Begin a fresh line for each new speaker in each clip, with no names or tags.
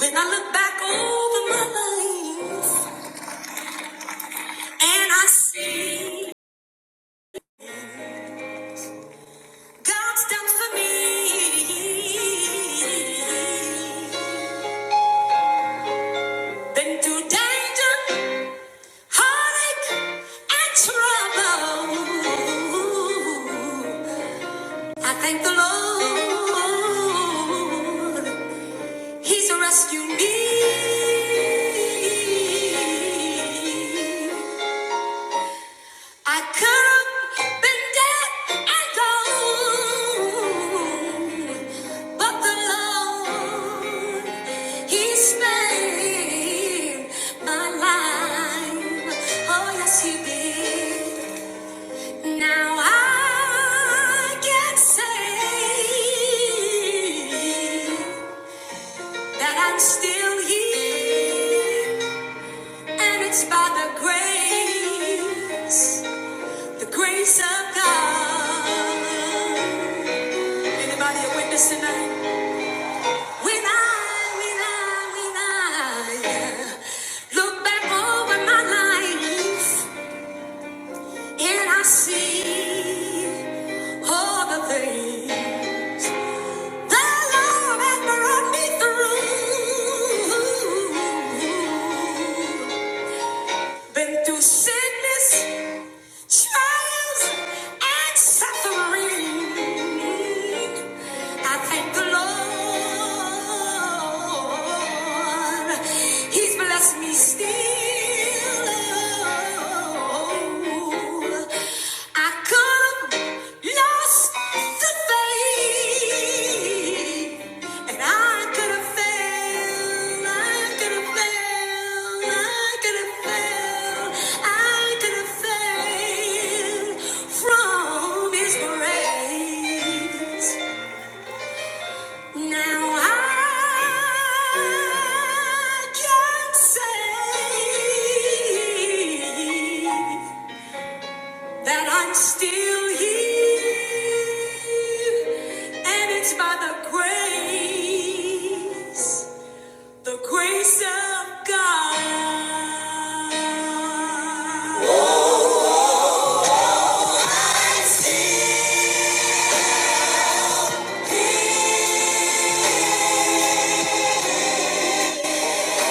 When I look back over my life and I see God's done for me, been through danger, heartache, and trouble. I thank the Lord, He's rescued me. I could have been dead and gone, but the Lord, He spared my life. Oh, yes, He did. Now I can say that I'm still here, and it's by the grace. The grace of God. Anybody a witness tonight? When I, when I, when I yeah, look back over my life and I see all the things the Lord has brought me through. Been through sickness. Trials and suffering. I thank the Lord. He's blessed me still. I could have Lost the faith, and I could have failed. I could have failed. I could have failed. I could have failed from His grace. Now I can say that I'm still here, and it's by the grace, the grace of God. I'm still here.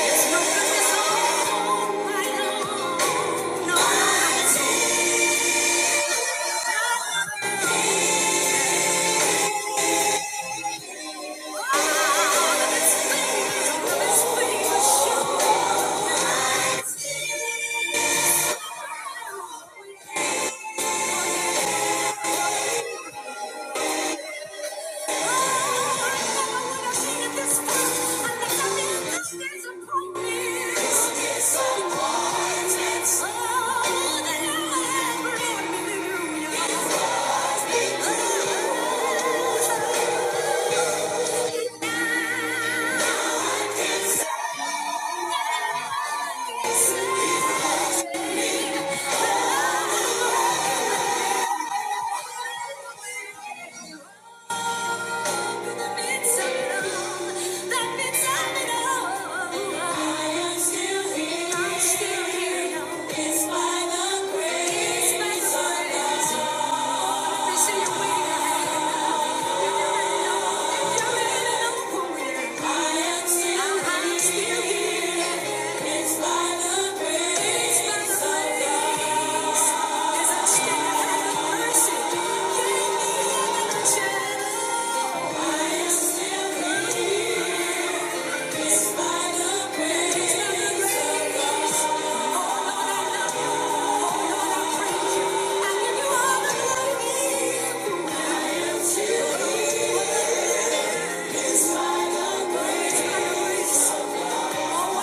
It's no goodness on my own. No, I'm still here. Hallelujah. It's by the grace of God. It's Thank you. Thank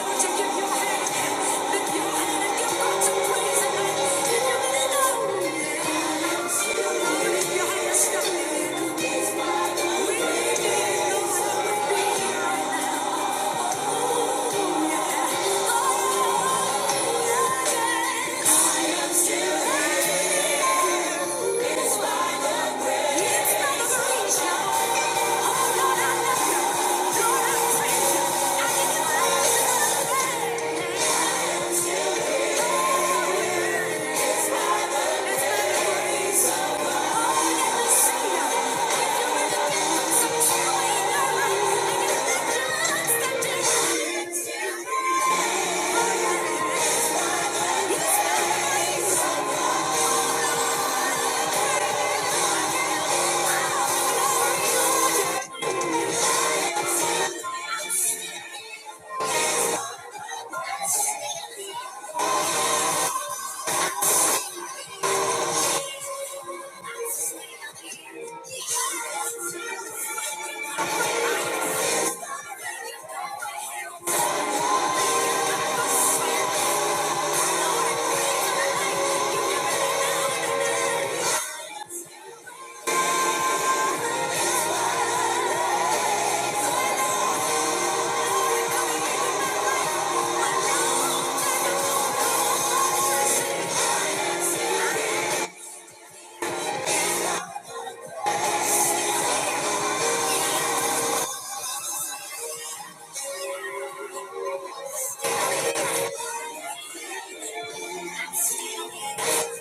you. Thank you. I am. It's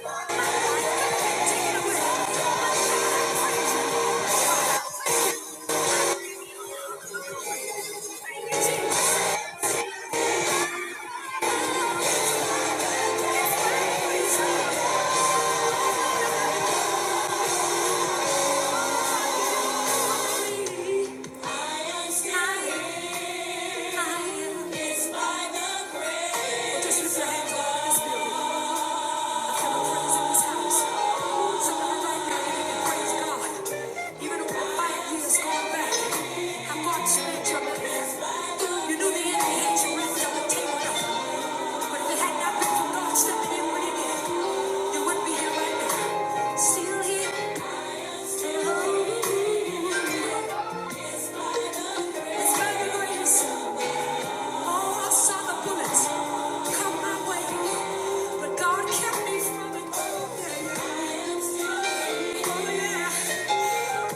by the grace of God. Still here. It's by the grace. All silver bullets come my way, but God kept me from it Oh yeah,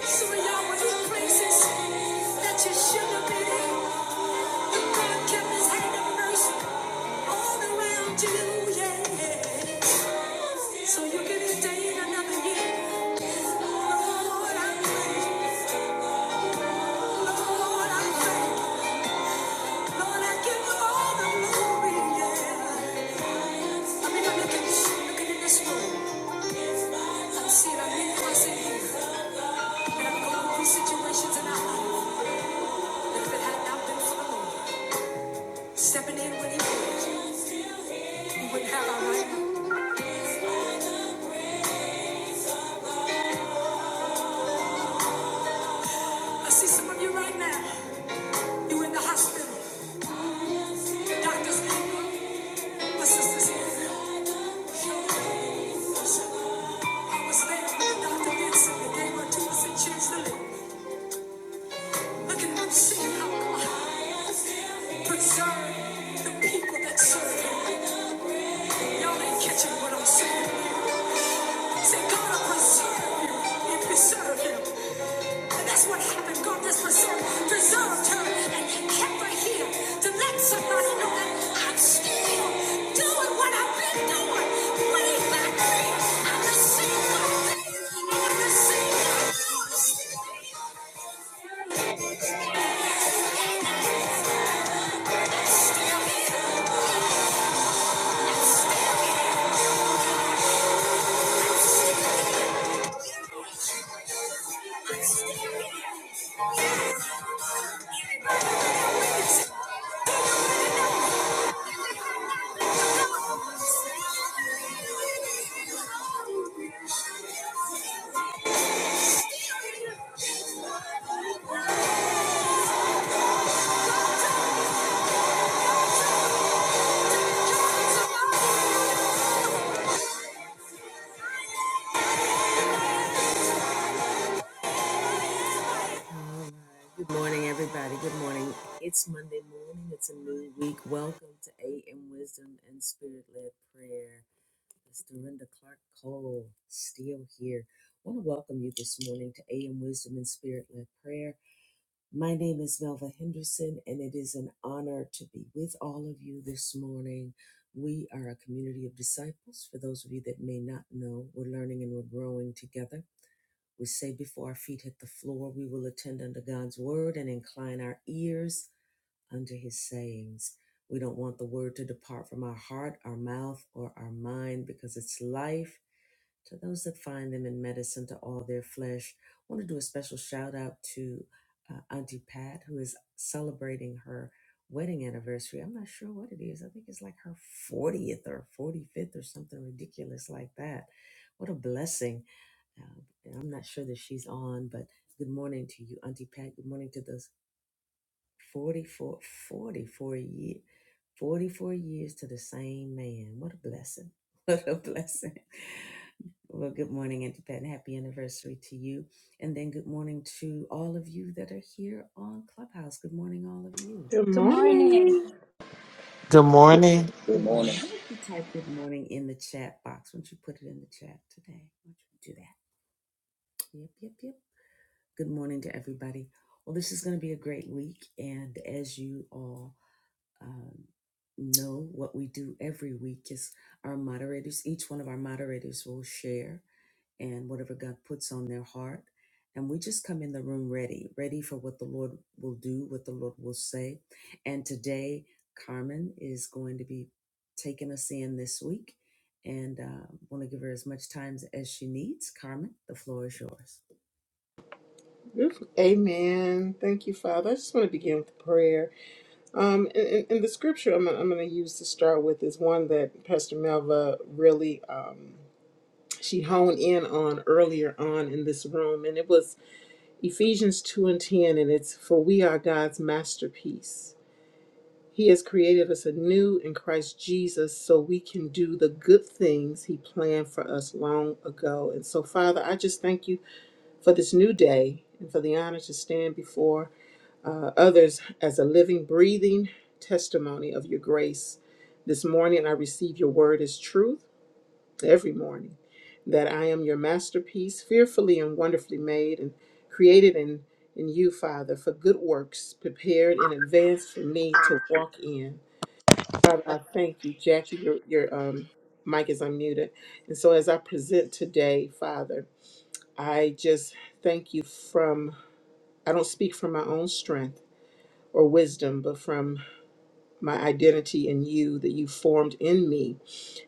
some of y'all were in places that you shouldn't have but God kept His hand of mercy all around you. Yeah, so you get a another year. Lord, I thank, Lord, I thank, Lord, I give you all the glory. Yeah. looking in this room. I'm a million us here. And I'm going through situations in our life that if it had not been for the stepping in when He was, we wouldn't have our right. I see some of you right now. you in the hospital. doctor's angry. My sister's here. I was there when doctor Vincent something. They were two percent chance to live. Look at them seeing how God preserved the people that serve Him. Y'all ain't catching what I'm saying. Say, God will preserve you and preserve him. And that's what happened. God just preserved, preserved her and kept her here to let somebody know that I'm still doing what I've been doing. Money back me. I received my faith and I received my promise. I'm still here. I'm still here.
Good
Good morning.
morning.
Good morning,
Good morning.
Beautiful. Amen. Thank you, Father. I just want to begin with prayer. Um, and, and, and the scripture I'm, gonna- I'm going to use to start with is one that Pastor Melva really um, she honed in on earlier on in this room, and it was Ephesians two and ten, and it's for we are God's masterpiece. He has created us anew in Christ Jesus so we can do the good things He planned for us long ago. And so, Father, I just thank you for this new day and for the honor to stand before uh, others as a living, breathing testimony of your grace. This morning, I receive your word as truth every morning that I am your masterpiece, fearfully and wonderfully made and created in, in you, Father, for good works prepared in advance for me to walk in. Father, I thank you. Jackie, your, your um, mic is unmuted. And so, as I present today, Father, I just thank you from I don't speak from my own strength or wisdom, but from my identity in you that you formed in me.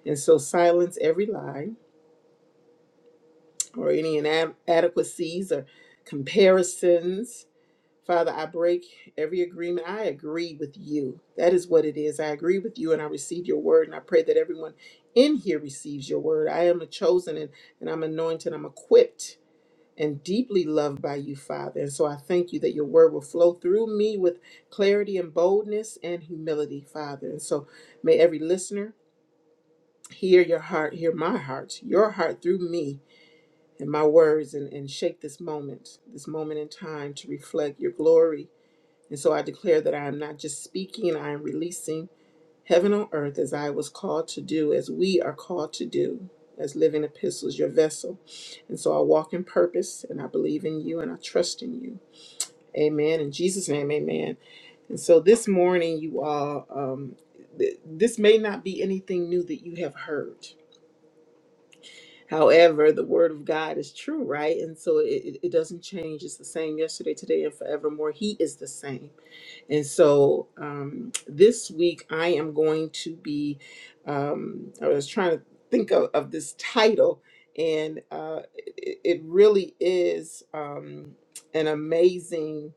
And so silence every lie or any inadequacies or comparisons. Father, I break every agreement. I agree with you. That is what it is. I agree with you and I receive your word. And I pray that everyone in here receives your word. I am a chosen and, and I'm anointed. I'm equipped and deeply loved by you, Father. And so I thank you that your word will flow through me with clarity and boldness and humility, Father. And so may every listener hear your heart, hear my heart, your heart through me and my words, and, and shape this moment, this moment in time to reflect your glory and so I declare that I am not just speaking, I am releasing heaven on earth as I was called to do, as we are called to do, as living epistles, your vessel. And so I walk in purpose and I believe in you and I trust in you. Amen. In Jesus' name, amen. And so this morning, you all, um, th- this may not be anything new that you have heard. However, the word of God is true, right? And so it, it it doesn't change. It's the same yesterday, today, and forevermore. He is the same. And so um, this week I am going to be, um, I was trying to think of, of this title, and uh, it, it really is um, an amazing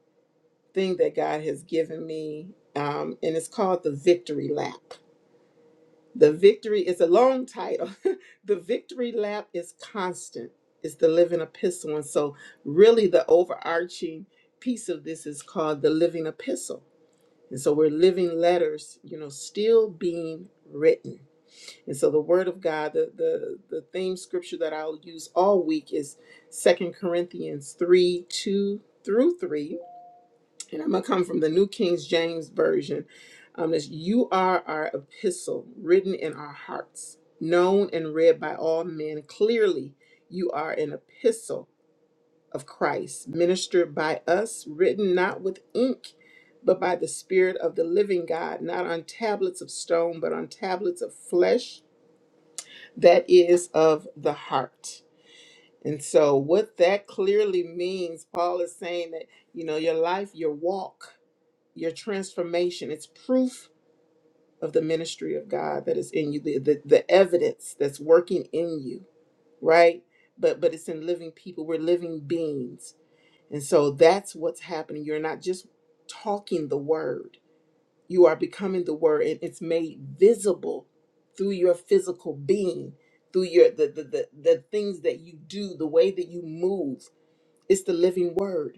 thing that God has given me. Um, and it's called The Victory Lap. The victory is a long title. the victory lap is constant. It's the living epistle. And so, really, the overarching piece of this is called the living epistle and so we're living letters, you know, still being written. And so the word of God, the the, the theme scripture that I'll use all week is Second Corinthians 3, 2 through 3. And I'm gonna come from the New King James Version. Um, it's, you are our epistle written in our hearts, known and read by all men. Clearly, you are an epistle of Christ, ministered by us, written not with ink, but by the Spirit of the living God, not on tablets of stone, but on tablets of flesh, that is of the heart. And so, what that clearly means, Paul is saying that, you know, your life, your walk, your transformation, it's proof of the ministry of God that is in you, the, the, the evidence that's working in you, right? But, but it's in living people. We're living beings And so that's what's happening. You're not just talking the word, you are becoming the word, and it's made visible through your physical being, through your the the, the, the things that you do, the way that you move. It's the living word.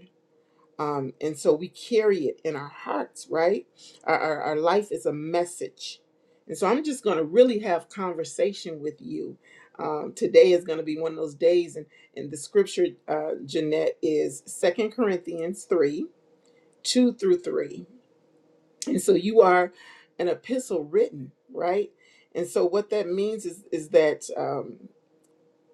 Um, and so we carry it in our hearts, right? Our, our, our life is a message. And so I'm just going to really have conversation with you. Um, today is going to be one of those days. And, and the scripture, uh, Jeanette, is Second Corinthians 3, 2 through 3. And so you are an epistle written, right? And so what that means is, is that um,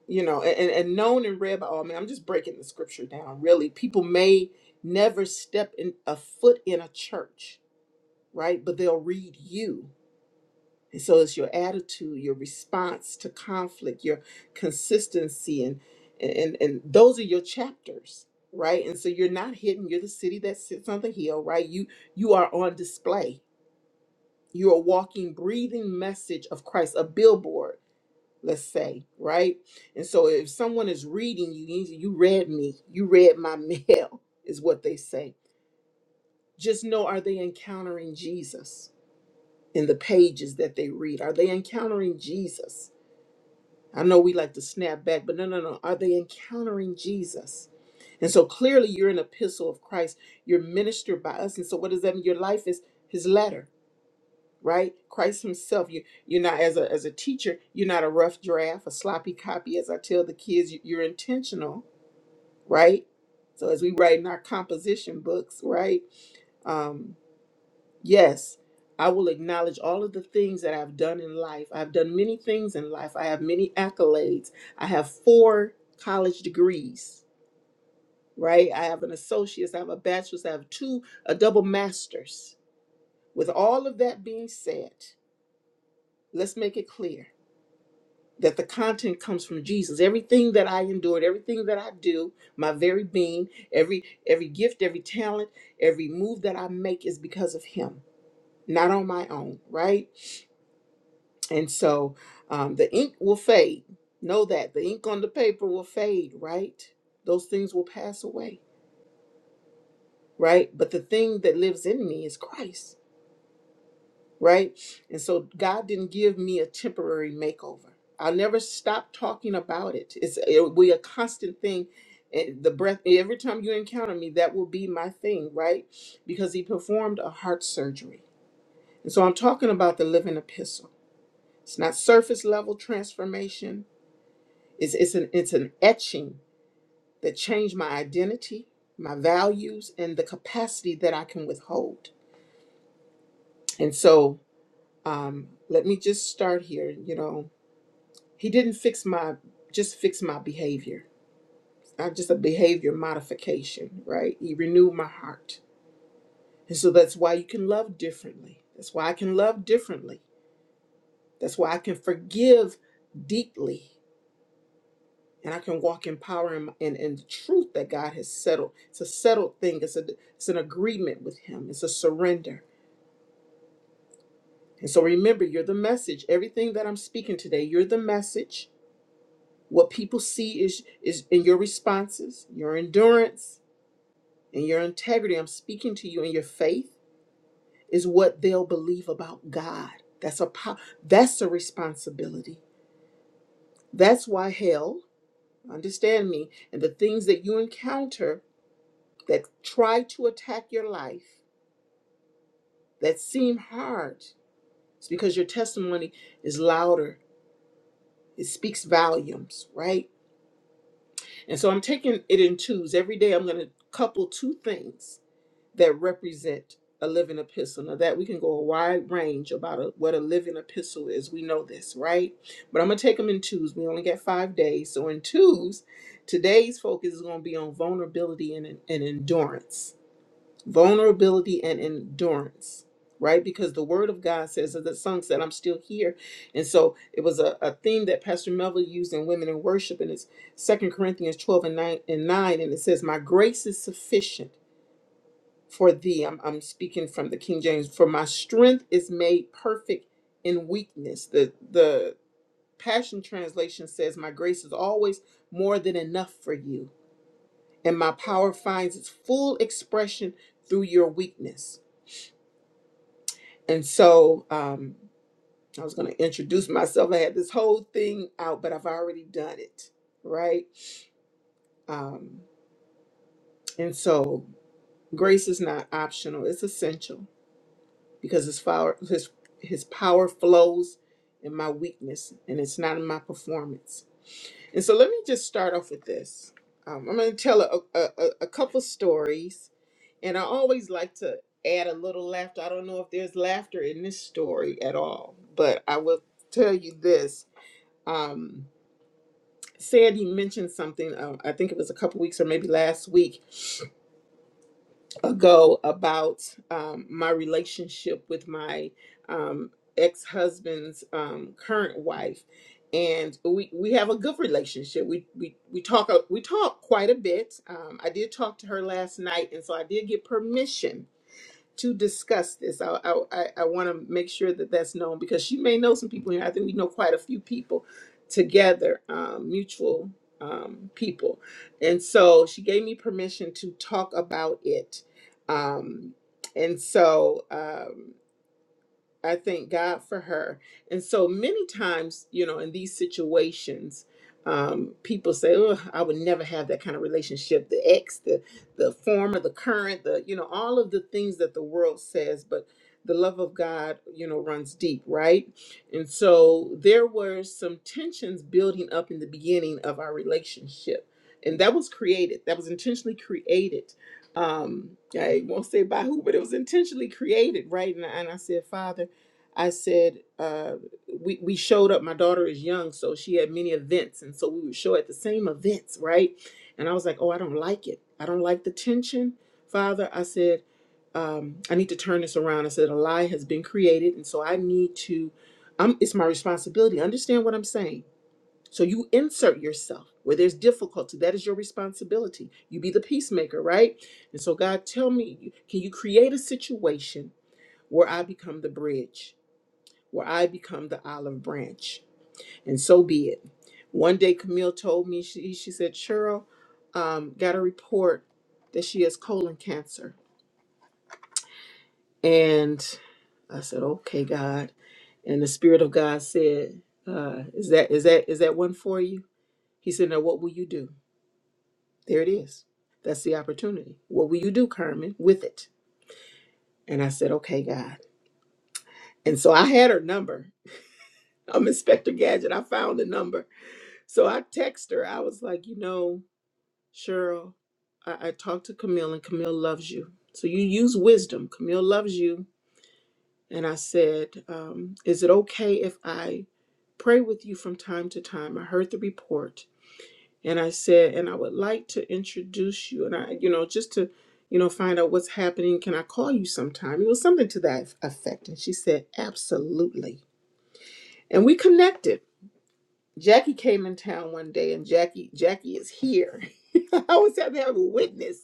you know, and, and known and read by all men. I'm just breaking the scripture down. Really, people may never step in a foot in a church, right? But they'll read you. And so it's your attitude, your response to conflict, your consistency, and and and those are your chapters, right? And so you're not hidden. You're the city that sits on the hill, right? You you are on display. You're a walking, breathing message of Christ, a billboard let's say, right? And so if someone is reading you, you you read me, you read my mail, is what they say. Just know are they encountering Jesus in the pages that they read? Are they encountering Jesus? I know we like to snap back, but no, no, no. Are they encountering Jesus? And so clearly you're an epistle of Christ. You're ministered by us. And so what does that mean? Your life is his letter right? Christ Himself. You you're not as a as a teacher. You're not a rough draft, a sloppy copy. As I tell the kids, you- you're intentional, right? So as we write in our composition books, right? Um, yes, I will acknowledge all of the things that I've done in life. I've done many things in life. I have many accolades. I have four college degrees, right? I have an associate's. I have a bachelor's. I have two, a double master's. With all of that being said, let's make it clear. that the content comes from Jesus. Everything that I endured, everything that I do, my very being, every every gift, every talent, every move that I make is because of Him, not on my own, right? And so um, the ink will fade. Know that the ink on the paper will fade, right? Those things will pass away, right? But the thing that lives in me is Christ right? And so God didn't give me a temporary makeover. I'll never stop talking about it. It's it will be a constant thing. And the breath every time you encounter me, that will be my thing, right? Because he performed a heart surgery. And so I'm talking about the living epistle. It's not surface level transformation. It's it's an it's an etching that changed my identity, my values, and the capacity that I can withhold. And so um, let me just start here. You know, He didn't fix my just fix my behavior. I just a behavior modification, right? He renewed my heart. And so that's why you can love differently. That's why I can love differently. That's why I can forgive deeply. And I can walk in power and, and, and the truth that God has settled. It's a settled thing. It's a it's an agreement with Him. It's a surrender. And so remember, you're the message. Everything that I'm speaking today, you're the message. What people see is is in your responses, your endurance, and your integrity i'm speaking to you and your faith is what they'll believe about god that's a po- that's a responsibility that's why hell understand me and the things that you encounter that try to attack your life that seem hard it's because your testimony is louder it speaks volumes right and so i'm taking it in twos every day i'm going to couple two things that represent a living epistle. Now that we can go a wide range about a, what a living epistle is. We know this, right? But I'm gonna take them in twos. We only got five days, so in twos, today's focus is gonna be on vulnerability and, and endurance. Vulnerability and endurance, right? Because the Word of God says, as the song said, "I'm still here," and so it was a, a theme that Pastor Melville used in Women in Worship, and it's Second Corinthians 12 and 9 and 9, and it says, "My grace is sufficient." for thee. I'm, I'm speaking from the King James. For my strength is made perfect in weakness. The the Passion Translation says, My grace is always more than enough for you, and my power finds its full expression through your weakness. And so um, I was going to introduce myself. I had this whole thing out, but I've already done it, right? Um, and so grace is not optional, it's essential because his power his his power flows in my weakness and it's not in my performance. And so let me just start off with this. Um, I'm going to tell a, a, a a couple stories, and I always like to add a little laughter. I don't know if there's laughter in this story at all, but I will tell you this. Um, Sandy mentioned something, um, I think it was a couple weeks or maybe last week, ago about um, my relationship with my um, ex-husband's um, current wife, and we we have a good relationship. We we we talk we talk quite a bit. Um, I did talk to her last night, and so I did get permission to discuss this. I I, I, want to make sure that that's known because she may know some people here. I think we know quite a few people together, um, mutual um, people, and so she gave me permission to talk about it. Um, and so. Um, I thank God for her. And so many times, you know, in these situations, um, people say, "Oh, I would never have that kind of relationship." The ex, the the former, the current, the you know, all of the things that the world says, but the love of God, you know, runs deep, right? And so there were some tensions building up in the beginning of our relationship, and that was created. That was intentionally created um i won't say by who but it was intentionally created right and, I- and i said father I said, uh, we, we showed up. My daughter is young, so she had many events. And so we would show at the same events, right? And I was like, oh, I don't like it. I don't like the tension, Father. I said, um, I need to turn this around. I said, a lie has been created. And so I need to, I'm, it's my responsibility. Understand what I'm saying. So you insert yourself where there's difficulty. That is your responsibility. You be the peacemaker, right? And so, God, tell me, can you create a situation where I become the bridge? where I become the olive branch. And so be it. One day, Camille told me, she, she said, Cheryl um, got a report that she has colon cancer. And I said, okay, God. And the Spirit of God said, uh, is that is that is that one for you? He said, now what will you do? There it is. That's the opportunity. What will you do, Carmen, with it? And I said, okay, God. And so I had her number. I'm Inspector Gadget. I found the number. So I text her. I was like, you know, Cheryl, I, I talked to Camille, and Camille loves you. So you use wisdom. Camille loves you. And I said, um, Is it okay if I pray with you from time to time? I heard the report. And I said, And I would like to introduce you. And I, you know, just to, you know, find out what's happening. Can I call you sometime? It was something to that effect. And she said, Absolutely. And we connected Jackie came in town one day, and Jackie Jackie is here. I always have to have a witness.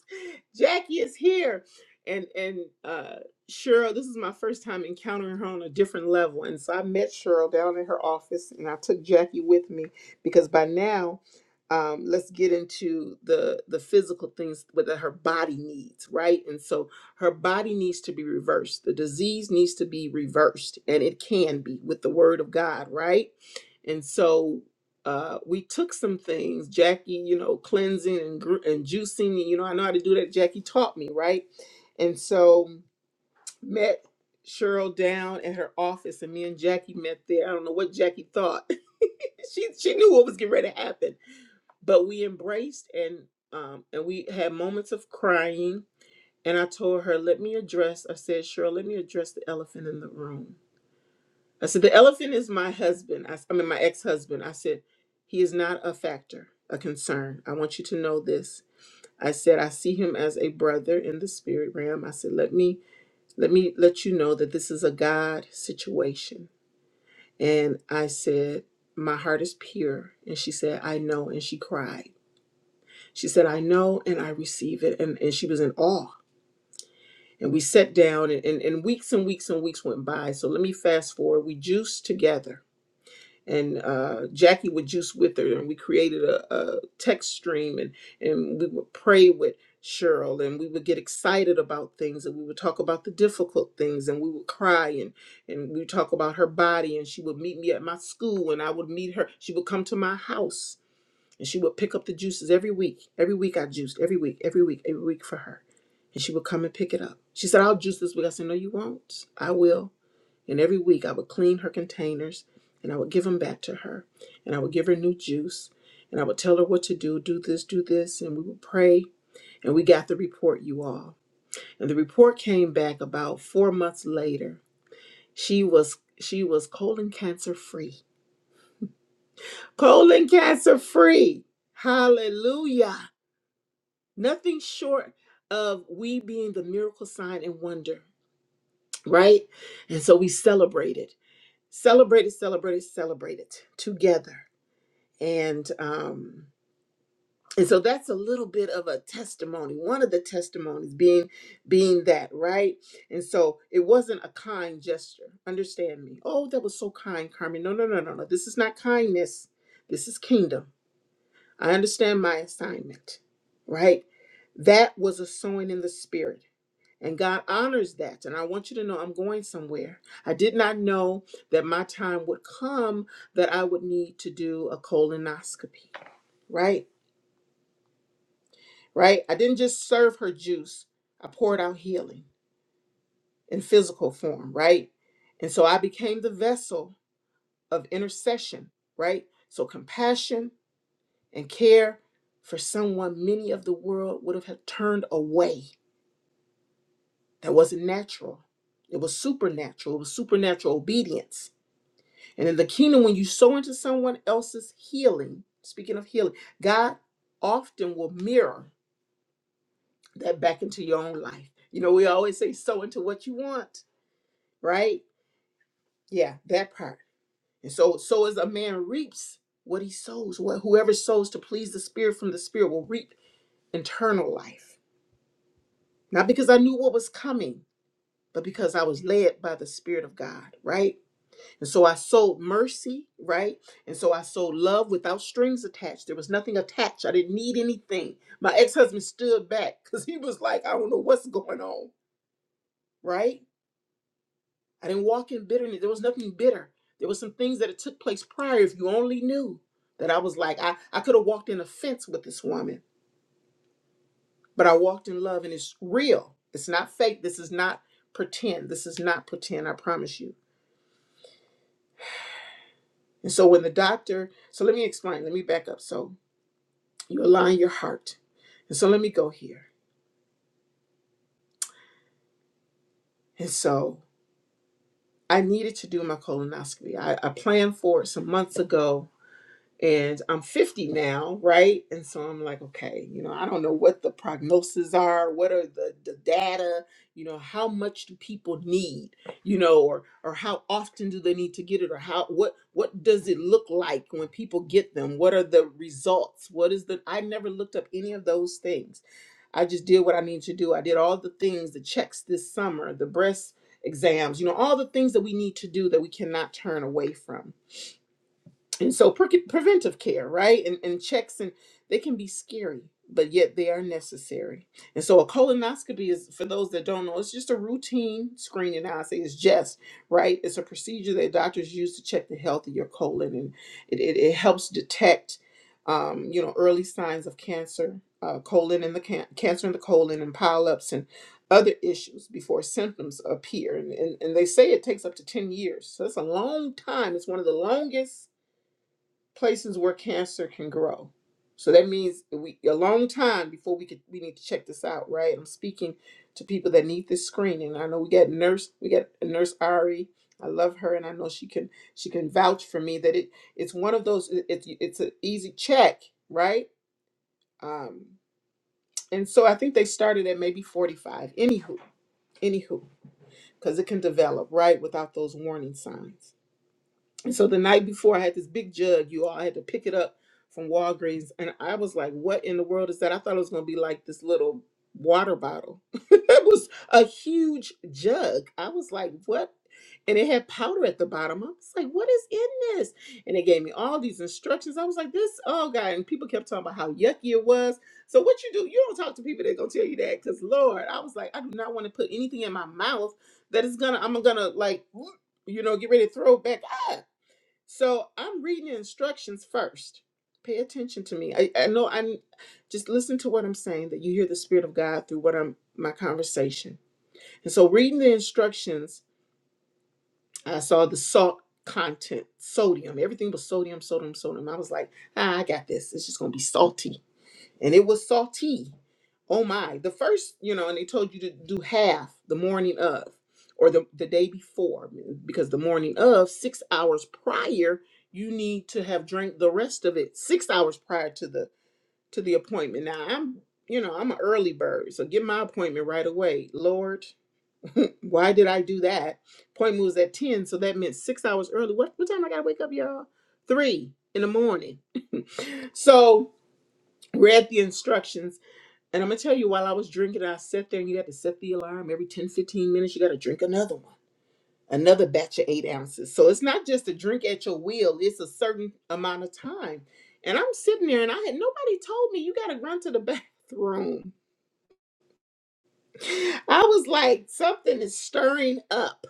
Jackie is here, and and uh, Cheryl. This is my first time encountering her on a different level, and so I met Cheryl down in her office, and I took Jackie with me because by now, um, let's get into the the physical things that her body needs, right? And so her body needs to be reversed. The disease needs to be reversed, and it can be with the word of God, right? And so uh, we took some things, Jackie, you know, cleansing and, gr- and juicing. You know, I know how to do that. Jackie taught me, right? And so met Cheryl down at her office, and me and Jackie met there. I don't know what Jackie thought. she she knew what was getting ready to happen, but we embraced and um, and we had moments of crying. And I told her, "Let me address." I said, "Cheryl, let me address the elephant in the room." I said, the elephant is my husband. I I mean, my ex husband. I said, he is not a factor, a concern. I want you to know this. I said, I see him as a brother in the spirit realm. I said, let me, let me let you know that this is a God situation. And I said, my heart is pure. And she said, I know. And she cried. She said, I know and I receive it. And, and she was in awe. And we sat down and, and, and weeks and weeks and weeks went by. So let me fast forward. We juiced together and uh, Jackie would juice with her, and we created a, a text stream, and and we would pray with Cheryl, and we would get excited about things, and we would talk about the difficult things, and we would cry, and and we would talk about her body, and she would meet me at my school, and I would meet her. She would come to my house, and she would pick up the juices every week. Every week I juiced. Every week, every week, every week for her. And she would come and pick it up. She said, I'll juice this week. I said, No, you won't. I will. And every week I would clean her containers and I would give them back to her. And I would give her new juice. And I would tell her what to do do this, do this. And we would pray. And we got the report, you all. And the report came back about four months later. She was she was colon cancer free. Colon cancer free. Hallelujah. nothing short of we being the miracle sign and wonder, right? And so we celebrated, celebrated, celebrated, celebrated together. And um and so that's a little bit of a testimony. One of the testimonies being being that, right? And so it wasn't a kind gesture. Understand me. Oh, that was so kind, Carmen. No, no, no, no, no. This is not kindness. This is kingdom. I understand my assignment, right? That was a sowing in the spirit And God honors that. And I want you to know I'm going somewhere. I did not know that my time would come that I would need to do a colonoscopy. Right? Right? I didn't just serve her juice, I poured out healing in physical form. Right? And so I became the vessel of intercession. Right? So compassion and care for someone many of the world would have had turned away. That wasn't natural. It was supernatural. It was supernatural obedience And in the kingdom, when you sow into someone else's healing, speaking of healing, God often will mirror that back into your own life. You know, we always say sow into what you want, right? Yeah, that part. And so, so as a man reaps what he sows, what whoever sows to please the spirit from the spirit will reap eternal life. Not because I knew what was coming, but because I was led by the spirit of God, right? And so I sold mercy, right? And so I sold love without strings attached. There was nothing attached. I didn't need anything. My ex husband stood back because he was like, I don't know what's going on, right? I didn't walk in bitterness. There was nothing bitter. There was some things that had took place prior. If you only knew that I was like, I, I could have walked in offense with this woman, but I walked in love and it's real. It's not fake. This is not pretend. This is not pretend. I promise you. And so when the doctor, so let me explain. Let me back up. So You align your heart. And so let me go here. And so I needed to do my colonoscopy. I, I planned for it some months ago and I'm 50 now, right? And so I'm like, okay, you know, I don't know what the prognoses are, what are the, the data, you know, how much do people need, you know, or or how often do they need to get it, or how what what does it look like when people get them? What are the results? What is the I never looked up any of those things. I just did what I needed to do. I did all the things, the checks this summer, the breast exams, you know, all the things that we need to do that we cannot turn away from and so pre- preventive care right and, and checks and they can be scary but yet they are necessary and so a colonoscopy is for those that don't know it's just a routine screening i say it's just right it's a procedure that doctors use to check the health of your colon and it, it, it helps detect um, you know early signs of cancer uh, colon and the can- cancer in the colon and polyps and other issues before symptoms appear and, and, and they say it takes up to 10 years so that's a long time it's one of the longest places where cancer can grow. So that means we a long time before we could we need to check this out, right? I'm speaking to people that need this screening. I know we got nurse, we got nurse Ari. I love her, and I know she can she can vouch for me that it it's one of those it, it's it's an easy check, right? Um, and so I think they started at maybe 45. Anywho, anywho, because it can develop right without those warning signs. And so the night before, I had this big jug. You all I had to pick it up from Walgreens, and I was like, "What in the world is that?" I thought it was gonna be like this little water bottle. it was a huge jug. I was like, "What?" And it had powder at the bottom. I was like, "What is in this?" And it gave me all these instructions. I was like, "This, oh god!" And people kept talking about how yucky it was. So what you do? You don't talk to people that gonna tell you that, because Lord, I was like, I do not want to put anything in my mouth that is gonna. I'm gonna like, you know, get ready to throw it back. Ah, so I'm reading the instructions first. Pay attention to me. I, I know I'm just listen to what I'm saying, that you hear the Spirit of God through what I'm my conversation. And so reading the instructions, I saw the salt content, sodium. Everything was sodium, sodium, sodium. I was like, ah, I got this. It's just gonna be salty and it was salty. Oh my. The first, you know, and they told you to do half the morning of or the, the day before because the morning of, six hours prior, you need to have drank the rest of it six hours prior to the to the appointment. Now I'm you know, I'm an early bird, so get my appointment right away. Lord, why did I do that? Appointment was at 10, so that meant six hours early. What what time I gotta wake up, y'all? Three in the morning. So read the instructions and I'm gonna tell you, while I was drinking, I sat there and you had to set the alarm every 10, 15 minutes, you gotta drink another one, another batch of eight ounces. So it's not just a drink at your will, it's a certain amount of time. And I'm sitting there and I had nobody told me you gotta run to the bathroom. I was like, something is stirring up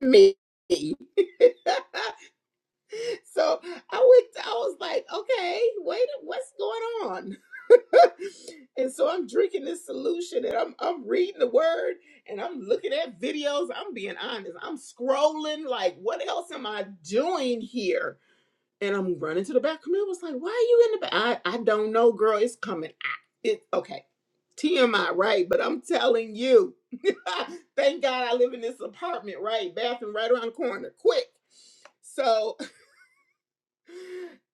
me. so I went, I was like, okay, wait, what's going on? and so I'm drinking this solution and I'm I'm reading the word and I'm looking at videos. I'm being honest. I'm scrolling like what else am I doing here? And I'm running to the back. Camille was like, why are you in the back? I, I don't know, girl. It's coming. I, it okay. TMI, right? But I'm telling you, thank God I live in this apartment, right? Bathroom right around the corner. Quick. So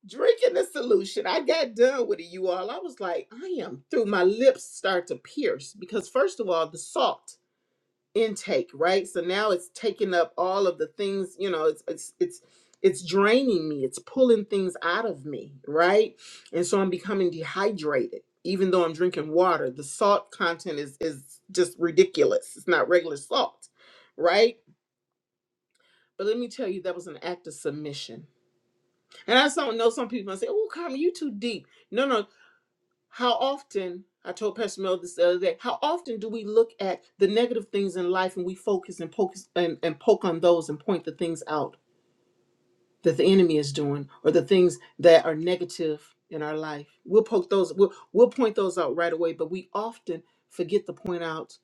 drinking the solution. I got done with it, you all. I was like, I am through. My lips start to pierce because, first of all, the salt intake, right? So now it's taking up all of the things, you know, it's, it's, it's, it's draining me. It's pulling things out of me, right? And so I'm becoming dehydrated, even though I'm drinking water. The salt content is is just ridiculous. It's not regular salt, right? But let me tell you, that was an act of submission. And I don't know some people might say, "Oh, Carmen, you too deep." No, no. How often, I told Pastor Mel this the other day, how often do we look at the negative things in life and we focus and poke and, and poke on those and point the things out that the enemy is doing or the things that are negative in our life? We'll poke those, we'll, we'll point those out right away, but we often forget to point out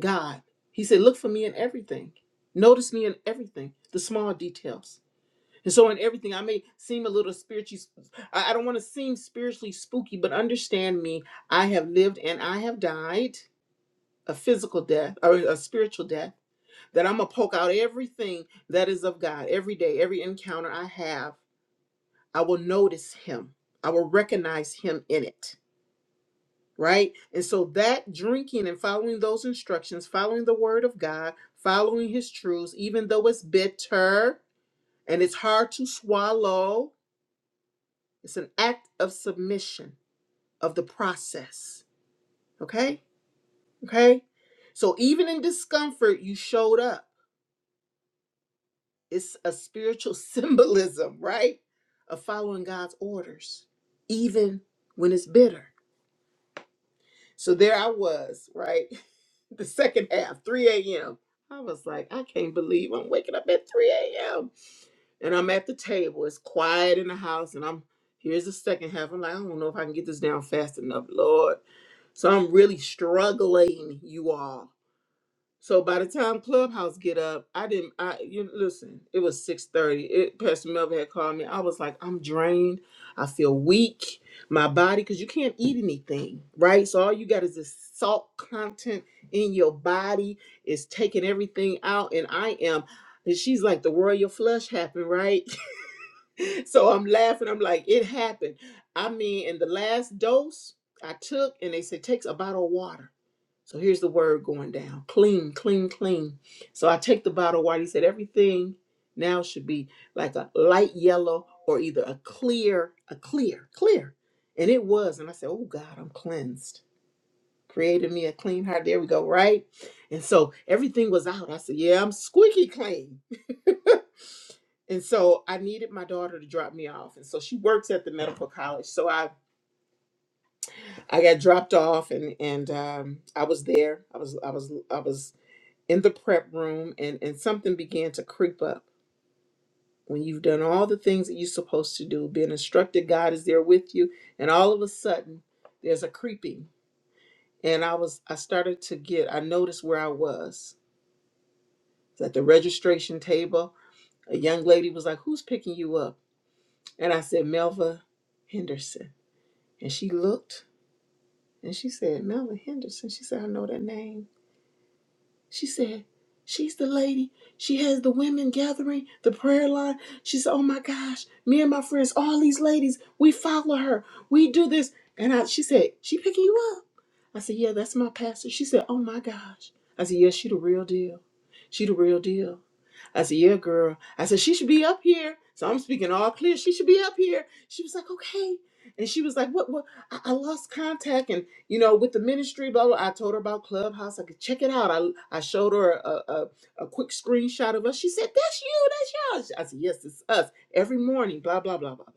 God. He said, Look for me in everything. Notice me in everything, the small details. And so, in everything, I may seem a little spiritually, I I don't want to seem spiritually spooky, but understand me. I have lived and I have died a physical death or a spiritual death, that I'm going to poke out everything that is of God every day, every encounter I have. I will notice Him, I will recognize Him in it. Right? And so that drinking and following those instructions, following the word of God, following his truths, even though it's bitter and it's hard to swallow, It's an act of submission of the process. Okay? Okay? So even in discomfort, you showed up. It's a spiritual symbolism, right? Of following God's orders, even when it's bitter. So there I was, right? The second half, 3 a.m. I was like, I can't believe I'm waking up at 3 a.m and I'm at the table. It's quiet in the house, and I'm here's the second half. I'm like, I don't know if I can get this down fast enough, Lord. So I'm really struggling, you all. So by the time Clubhouse get up, I didn't. I you listen. It was six thirty. It Pastor Melvin had called me. I was like, I'm drained. I feel weak. My body, because you can't eat anything, right? So all you got is this salt content in your body. It's taking everything out, and I am. And she's like, the royal flush happened, right? so I'm laughing. I'm like, it happened. I mean, in the last dose I took, and they said, takes a bottle of water. So here's the word going down clean, clean, clean. So I take the bottle of water. He said, everything now should be like a light yellow or either a clear, a clear, clear. And it was. And I said, oh God, I'm cleansed. Created me a clean heart. There we go, right? And so everything was out. I said, yeah, I'm squeaky clean. And so I needed my daughter to drop me off. And so she works at the medical college. So I, I got dropped off and, and um, I was there. I was I was I was in the prep room and, and something began to creep up. When you've done all the things that you're supposed to do, being instructed, God is there with you, and all of a sudden there's a creeping. And I was I started to get I noticed where I was. It was at the registration table. A young lady was like, Who's picking you up? And I said, Melva Henderson. And she looked and she said, Melvin Henderson. She said, I know that name. She said, She's the lady. She has the women gathering, the prayer line. She said, Oh my gosh, me and my friends, all these ladies, we follow her. We do this. And I she said, She picking you up. I said, Yeah, that's my pastor. She said, Oh my gosh. I said, Yeah, she the real deal. She the real deal. I said, Yeah, girl. I said, She should be up here. So I'm speaking all clear. She should be up here. She was like, Okay. And she was like, What? What? I, I lost contact and, you know, with the ministry, blah, blah. I told her about Clubhouse. I could check it out. I, I showed her a, a, a quick screenshot of us. She said, That's you. That's y'all. I said, Yes, it's us. Every morning, blah, blah, blah, blah. blah.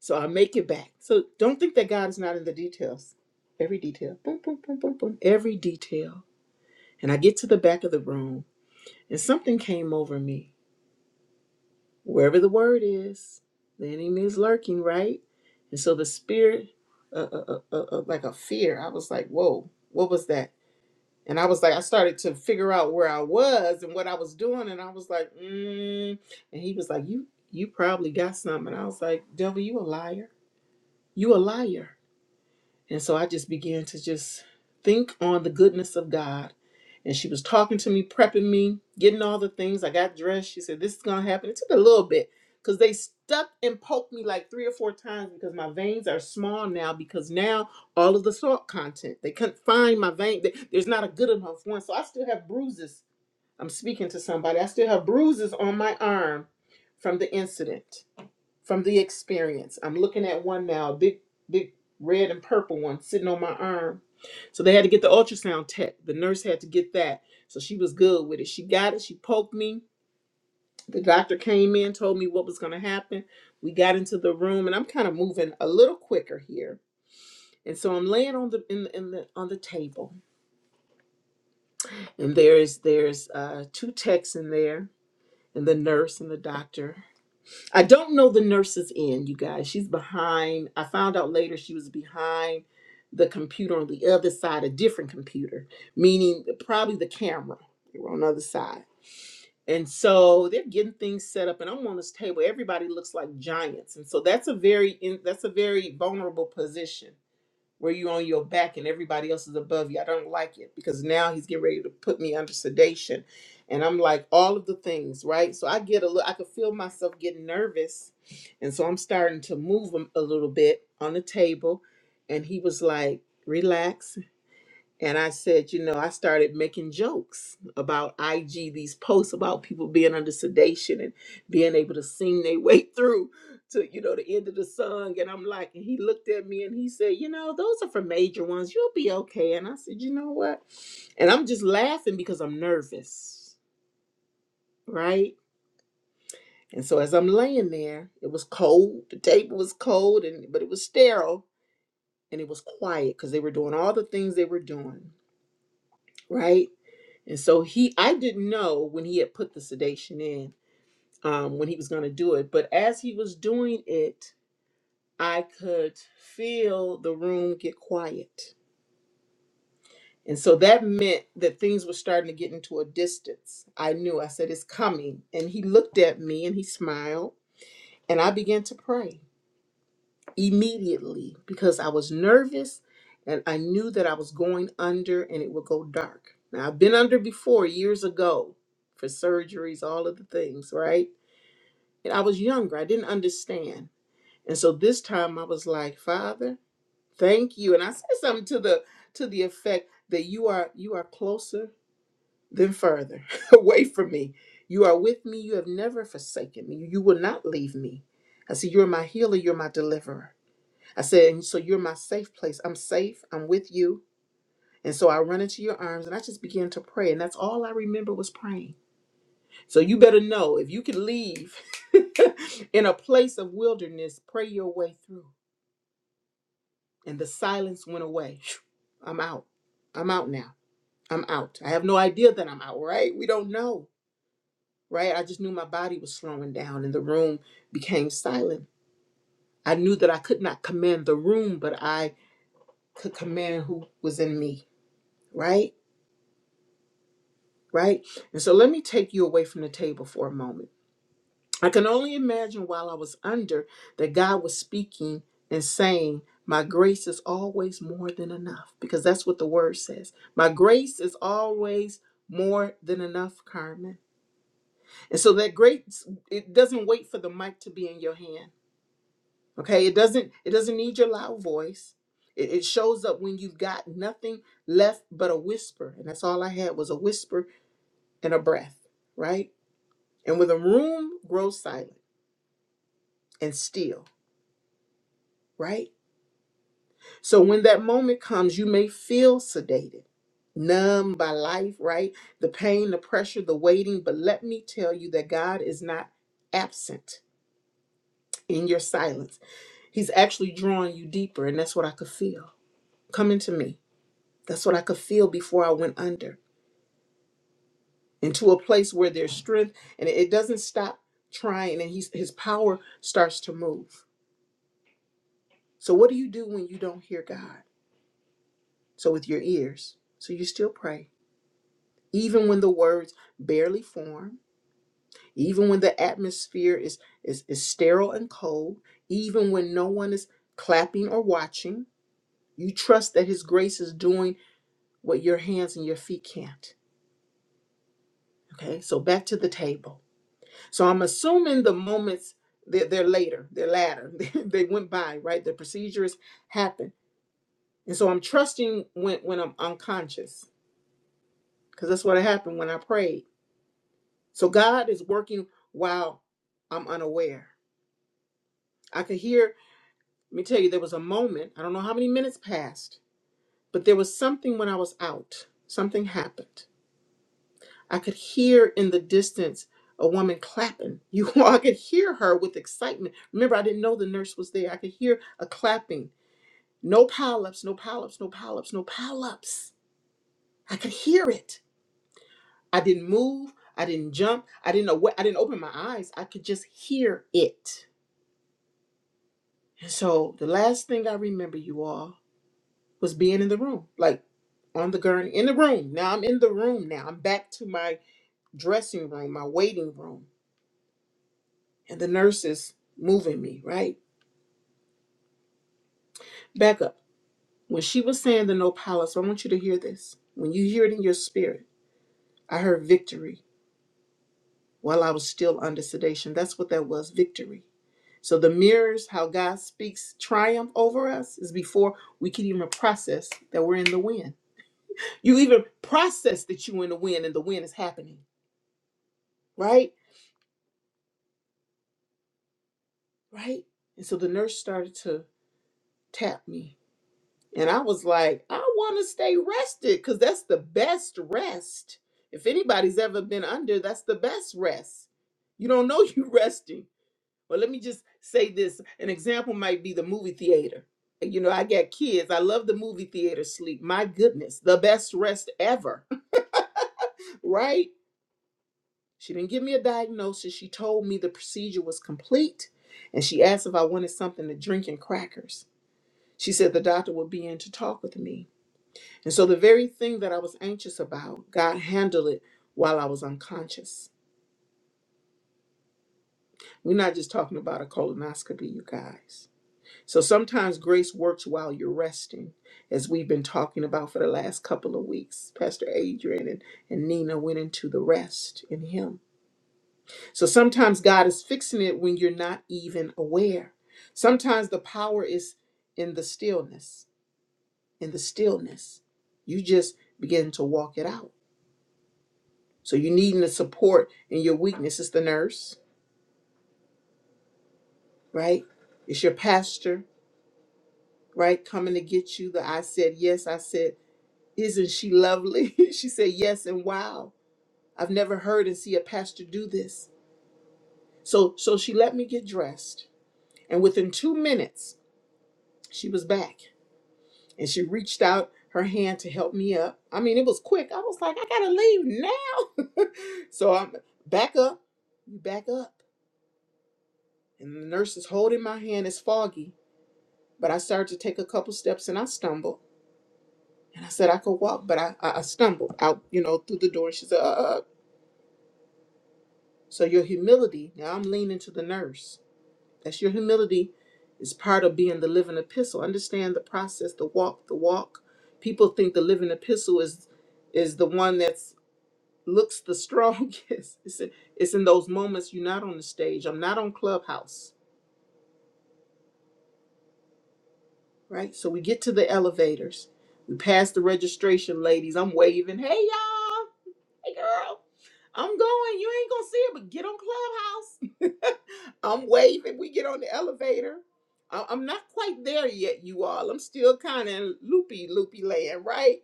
So I make it back. So don't think that God is not in the details. Every detail. Boom, boom, boom, boom, boom. Every detail. And I get to the back of the room and something came over me wherever the word is, the enemy is lurking, right? And so the spirit, uh, uh, uh, uh, uh, like a fear, I was like, whoa, what was that? And I was like, I started to figure out where I was and what I was doing, and I was like, mm. and he was like, you, you probably got something. And I was like, devil, you a liar, you a liar. And so I just began to just think on the goodness of God. And she was talking to me, prepping me, getting all the things. I got dressed. She said, This is going to happen. It took a little bit because they stuck and poked me like three or four times because my veins are small now because now all of the salt content, they couldn't find my vein. There- There's not a good enough one. So I still have bruises. I'm speaking to somebody. I still have bruises on my arm from the incident from the experience. I'm looking at one now, a big, big red and purple one sitting on my arm. So they had to get the ultrasound tech. The nurse had to get that. So she was good with it. She got it. She poked me. The doctor came in, told me what was going to happen. We got into the room, and I'm kind of moving a little quicker here. And so I'm laying on the in the, in the on the table, and there's there's uh, two techs in there, and the nurse and the doctor I don't know the nurse's end, you guys. She's behind. I found out later she was behind the computer on the other side, a different computer, meaning probably the camera. They were on the other side. And so they're getting things set up, and I'm on this table. Everybody looks like giants, and so that's a very in, that's a very vulnerable position where you on your back and everybody else is above you. I don't like it because now he's getting ready to put me under sedation. And I'm like, all of the things, right? So I get a little, I could feel myself getting nervous. And so I'm starting to move him a little bit on the table. And he was like, relax and I said, you know, I started making jokes about IG, these posts about people being under sedation and being able to sing their way through to, you know, the end of the song. And I'm like, and he looked at me and he said, you know, those are for major ones. You'll be okay. And I said, you know what? And I'm just laughing because I'm nervous, right? And so as I'm laying there, it was cold. The table was cold, and but it was sterile and it was quiet because they were doing all the things they were doing, right? And so he, I didn't know when he had put the sedation in, um, when he was going to do it. But as he was doing it, I could feel the room get quiet. And so that meant that things were starting to get into a distance. I knew, I said, it's coming. And he looked at me and he smiled. And I began to pray. immediately because I was nervous and I knew that I was going under and it would go dark. Now, I've been under before years ago for surgeries, all of the things, right? And I was younger, I didn't understand. And so this time I was like, Father, thank you. And I said something to the to the effect that you are you are closer than further away from me. You are with me. You have never forsaken me. You will not leave me. I said, You're my healer, you're my deliverer. I said, "And so you're my safe place. I'm safe. I'm with you. And so I run into your arms and I just began to pray. And that's all I remember was praying. So you better know if you can leave in a place of wilderness, pray your way through. And the silence went away. Phew, I'm out. I'm out now. I'm out. I have no idea that I'm out, right? We don't know, right? I just knew my body was slowing down and the room became silent. I knew that I could not command the room, but I could command who was in me, right? right? And so let me take you away from the table for a moment. I can only imagine while I was under that God was speaking and saying, My grace is always more than enough, because that's what the word says. My grace is always more than enough, Carmen. And so that grace, it doesn't wait for the mic to be in your hand. Okay. It doesn't, it doesn't need your loud voice. It, it shows up when you've got nothing left but a whisper. And that's all I had was a whisper and a breath, right? And when the room grows silent and still, right? So when that moment comes, you may feel sedated, numb by life, right? The pain, the pressure, the waiting. But let me tell you that God is not absent in your silence. He's actually drawing you deeper. And that's what I could feel coming to me. That's what I could feel before I went under into a place where there's strength and it doesn't stop trying and he's, his power starts to move. So, what do you do when you don't hear God? So with your ears, so you still pray. Even when the words barely form, even when the atmosphere is, is, is sterile and cold, even when no one is clapping or watching, you trust that His grace is doing what your hands and your feet can't. Okay, so back to the table. So I'm assuming the moments they're, they're later, they're latter, they went by, right? The procedures happened. And so I'm trusting when, when I'm unconscious, because that's what happened when I prayed. So God is working while I'm unaware. I could hear, let me tell you, there was a moment, I don't know how many minutes passed, but there was something when I was out. Something happened. I could hear in the distance a woman clapping. You I could hear her with excitement. Remember, I didn't know the nurse was there. I could hear a clapping. No polyps, no polyps, no polyps, no polyps. I could hear it. I didn't move. I didn't jump. I didn't know what I didn't open my eyes. I could just hear it. And so the last thing I remember you all was being in the room, like on the gurney, in the room. Now I'm in the room now. I'm back to my dressing room, my waiting room. And the nurse is moving me, right? Back up. When she was saying the no palace, I want you to hear this. When you hear it in your spirit, I heard victory while I was still under sedation. That's what that was victory. So the mirrors, how God speaks triumph over us, is before we can even process that we're in the wind. You even process that you in the wind and the wind is happening, right? Right? And so the nurse started to tap me. And I was like, I want to stay rested because that's the best rest. If anybody's ever been under, that's the best rest. You don't know you resting. Well, let me just say this. An example might be the movie theater. You know, I got kids. I love the movie theater sleep. My goodness, the best rest ever, right? She didn't give me a diagnosis. She told me the procedure was complete and she asked if I wanted something to drink and crackers. She said the doctor would be in to talk with me. And so the very thing that I was anxious about, God handled it while I was unconscious. We're not just talking about a colonoscopy, you guys. So sometimes grace works while you're resting, as we've been talking about for the last couple of weeks. Pastor Adrian and, and Nina went into the rest in Him. So sometimes God is fixing it when you're not even aware. Sometimes the power is in the stillness. In the stillness, you just begin to walk it out. So you needing the support in your weakness. It's the nurse, right? It's your pastor, right? Coming to get you. The I said yes. I said, isn't she lovely? she said yes and wow. I've never heard and see a pastor do this. So so she let me get dressed, and within two minutes she was back and she reached out her hand to help me up. I mean, it was quick. I was like, I gotta leave now. so I'm back up, you back up. And the nurse is holding my hand. It's foggy, but I started to take a couple steps and I stumbled. And I said I could walk, but I, I, I stumbled out, you know, through the door. And she said, uh, uh. uh. So your humility, now I'm leaning to the nurse. That's your humility is part of being the living epistle. Understand the process, the walk, the walk. People think the living epistle is is the one that's looks the strongest. It's in, it's in those moments you're not on the stage. I'm not on Clubhouse, right? So we get to the elevators. We pass the registration ladies. I'm waving, hey y'all, hey girl, I'm going. You ain't gonna see it, but get on Clubhouse. I'm waving. We get on the elevator. I- I'm not quite there yet, you all. I'm still kind of in loopy, loopy land, right?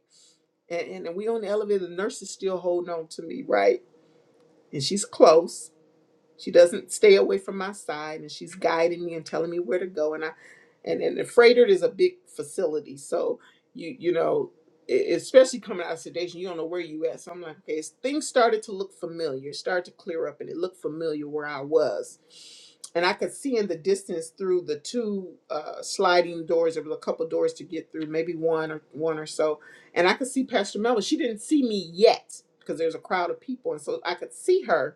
And, and and we on the elevator. The nurse is still holding on to me, right? And she's close She doesn't stay away from my side and she's guiding me and telling me where to go. And I and, and the freighter is a big facility. So you you know, e- especially coming out of sedation, you don't know where you at. So I'm like, okay, it's- things started to look familiar, started to clear up and it looked familiar where I was. And I could see in the distance through the two uh, sliding doors, there was a couple doors to get through, maybe one or one or so. And I could see Pastor Melvin. She didn't see me yet because there's a crowd of people. And so I could see her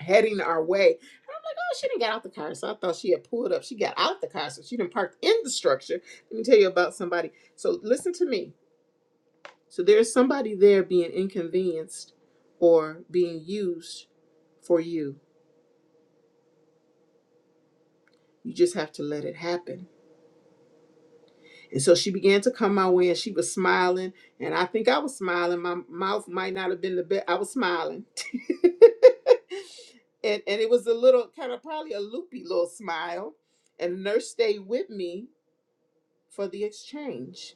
heading our way. And I'm like, oh, she didn't get out the car. So I thought she had pulled up. She got out the car. So she didn't park in the structure. Let me tell you about somebody. So listen to me. So there's somebody there being inconvenienced or being used for you. You just have to let it happen. And so she began to come my way and she was smiling. And I think I was smiling. My mouth might not have been the best. I was smiling. and, and it was a little kind of probably a loopy little smile. And the nurse stayed with me for the exchange.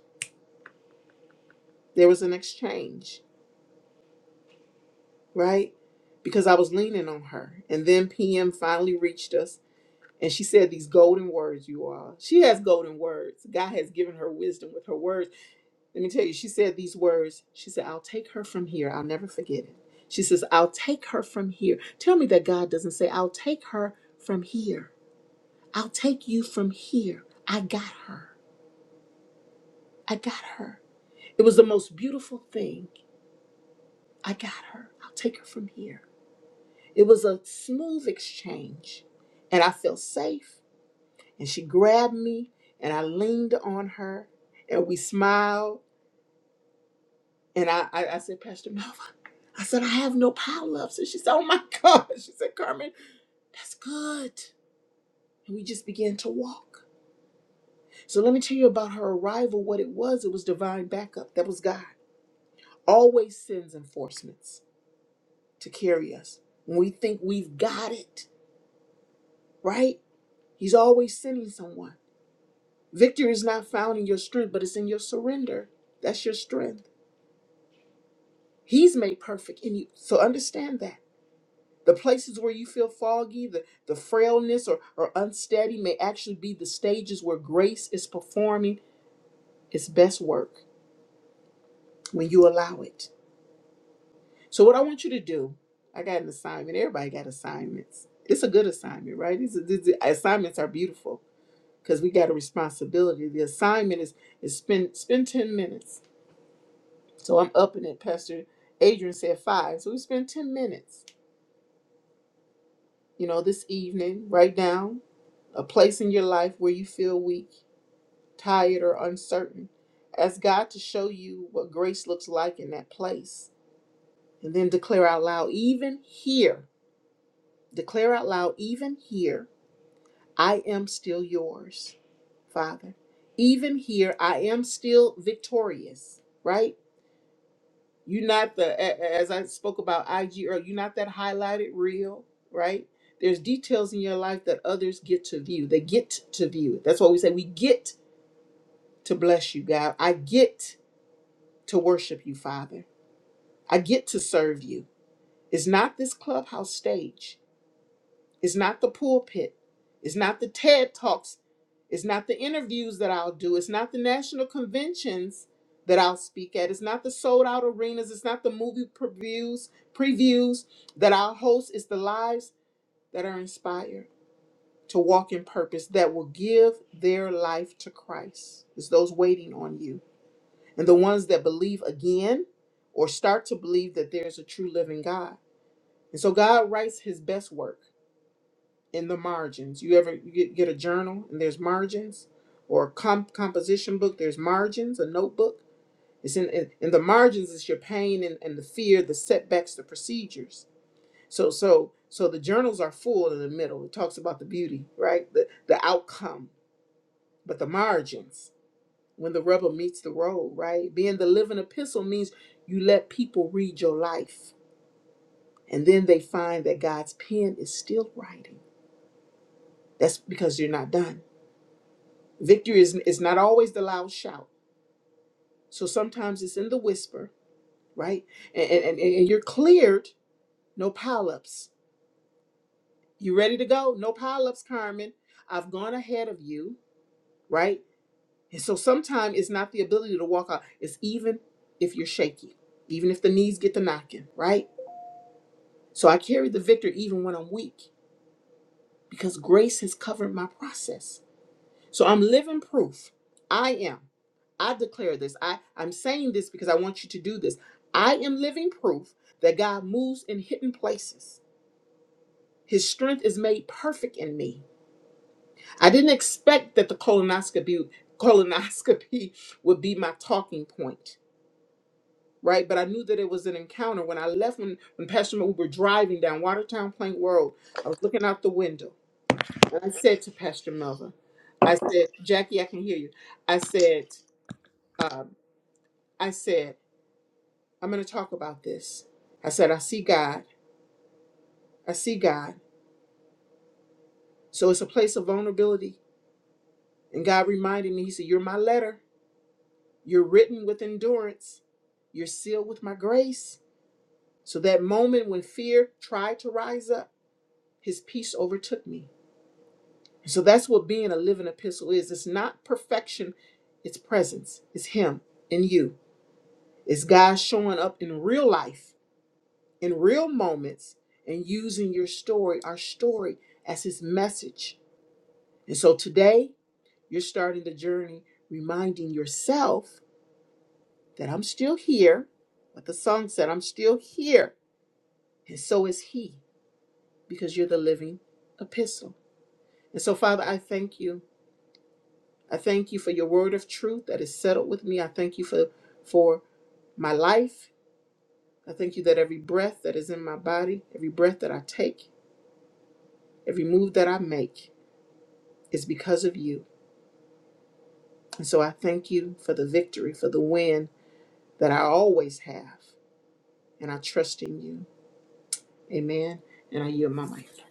There was an exchange, right? Because I was leaning on her. And then PM finally reached us and she said these golden words, you all. She has golden words. God has given her wisdom with her words Let me tell you, she said these words. She said, I'll take her from here. I'll never forget it. She says, I'll take her from here. Tell me that God doesn't say, I'll take her from here. I'll take you from here. I got her. I got her. It was the most beautiful thing. I got her. I'll take her from here. It was a smooth exchange. And I felt safe. And she grabbed me and I leaned on her and we smiled And I, I, I said, Pastor Melva, I said, I have no power ups. And she said, Oh my God. She said, Carmen, that's good. And we just began to walk. So let me tell you about her arrival, what it was. It was divine backup. That was God. Always sends enforcements to carry us. When we think we've got it, right? He's always sending someone. Victory is not found in your strength, but it's in your surrender. That's your strength. He's made perfect in you. So understand that. The places where you feel foggy, the, the frailness or, or unsteady may actually be the stages where grace is performing its best work when you allow it. So, what I want you to do, I got an assignment. Everybody got assignments. It's a good assignment, right? These, these assignments are beautiful because we got a responsibility. The assignment is is spend spend ten minutes. So I'm upping it. Pastor Adrian said five, so we spend ten minutes. You know, this evening, right now, a place in your life where you feel weak. tired, or uncertain. Ask God to show you what grace looks like in that place. And then declare out loud, even here, declare out loud, even here, I am still yours, Father. Even here, I am still victorious, right? You're not the, a- a- as I spoke about IG earlier, you're not that highlighted reel, right? There's details in your life that others get to view. They get to view. That's why we say we get to bless you, God. I get to worship you, Father. I get to serve you. It's not this clubhouse stage, it's not the pulpit, it's not the TED Talks, it's not the interviews that I'll do, it's not the national conventions that I'll speak at, it's not the sold out arenas, it's not the movie previews, previews that I'll host, it's the lives that are inspired to walk in purpose that will give their life to Christ. It's those waiting on you. and the ones that believe again or start to believe that there's a true living God. And so God writes his best work in the margins. You ever you get, get a journal and there's margins or a comp- composition book, there's margins, a notebook. It's in, in, in the margins is your pain and, and the fear, the setbacks, the procedures. So so so the journals are full in the middle. It talks about the beauty, right? The the outcome, but the margins when the rubber meets the road, right? Being the living epistle means you let people read your life and then they find that God's pen is still writing. That's because you're not done. Victory is, is not always the loud shout. So sometimes it's in the whisper, right? And, and, and, and you're cleared, no pileups. You ready to go? No pileups, Carmen. I've gone ahead of you, right? And so sometimes it's not the ability to walk out. It's even if you're shaky, even if the knees get to knocking, right? So I carry the victory even when I'm weak because grace has covered my process. So I'm living proof. I am. I declare this. I, I'm saying this because I want you to do this. I am living proof that God moves in hidden places. His strength is made perfect in me. I didn't expect that the colonoscopy colonoscopy would be my talking point, right? But I knew that it was an encounter. When I left, when, when Pastor, Mo- we were driving down Watertown Plain Road, I was looking out the window And I said to Pastor Melva, I said, Jackie, I can hear you. I said, um, I said, I'm going to talk about this. I said, I see God. I see God. So it's a place of vulnerability. And God reminded me, He said, You're my letter. You're written with endurance. You're sealed with my grace. So that moment when fear tried to rise up, His peace overtook me. So that's what being a living epistle is. It's not perfection, it's presence, it's Him in you. It's God showing up in real life, in real moments, and using your story, our story, as His message. And so today, you're starting the journey reminding yourself that I'm still here. What the song said, I'm still here. And so is He, because you're the living epistle. And so, Father, I thank you. I thank you for your word of truth that is settled with me. I thank you for, for my life. I thank you that every breath that is in my body, every breath that I take, Every move that I make is because of you. And so I thank you for the victory, for the win that I always have. And I trust in you. Amen. And I yield my mic.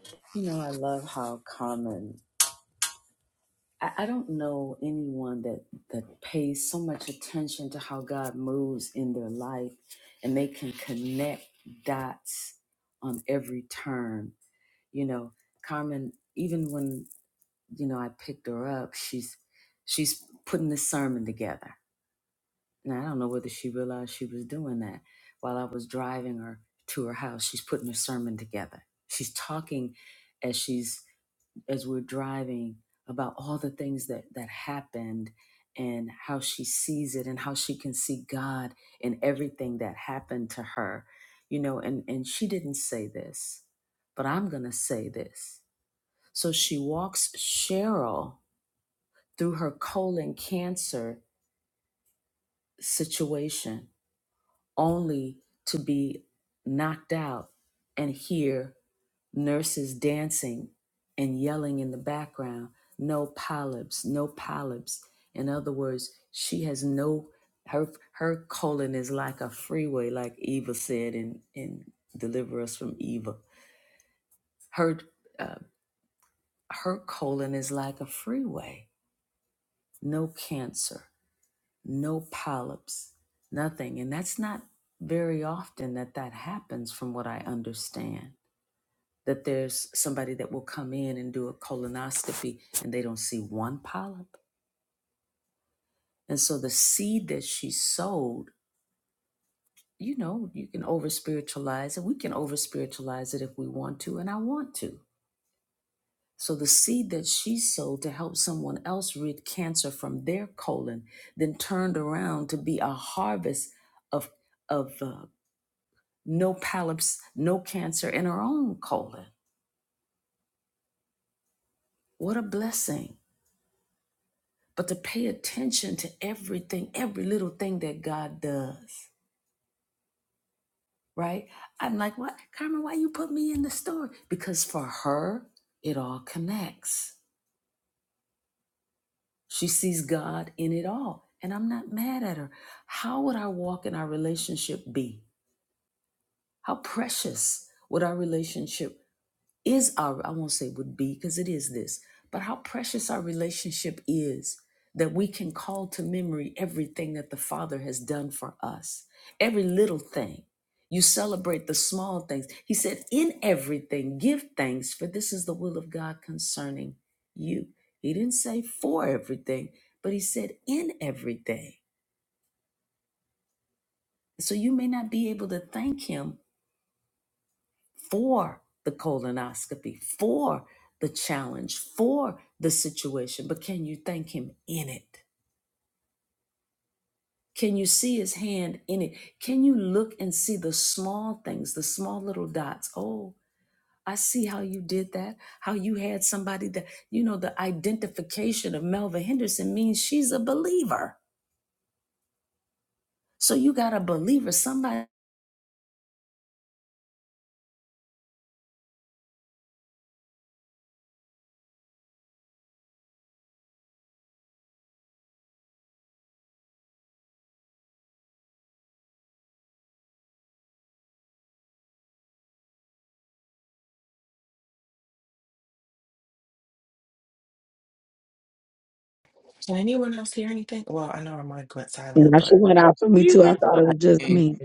Can anyone else hear anything? Well, I know her mic went
And
silent,
she
but
went out for me
You
too. I
went
thought it
out.
was just
Good
me.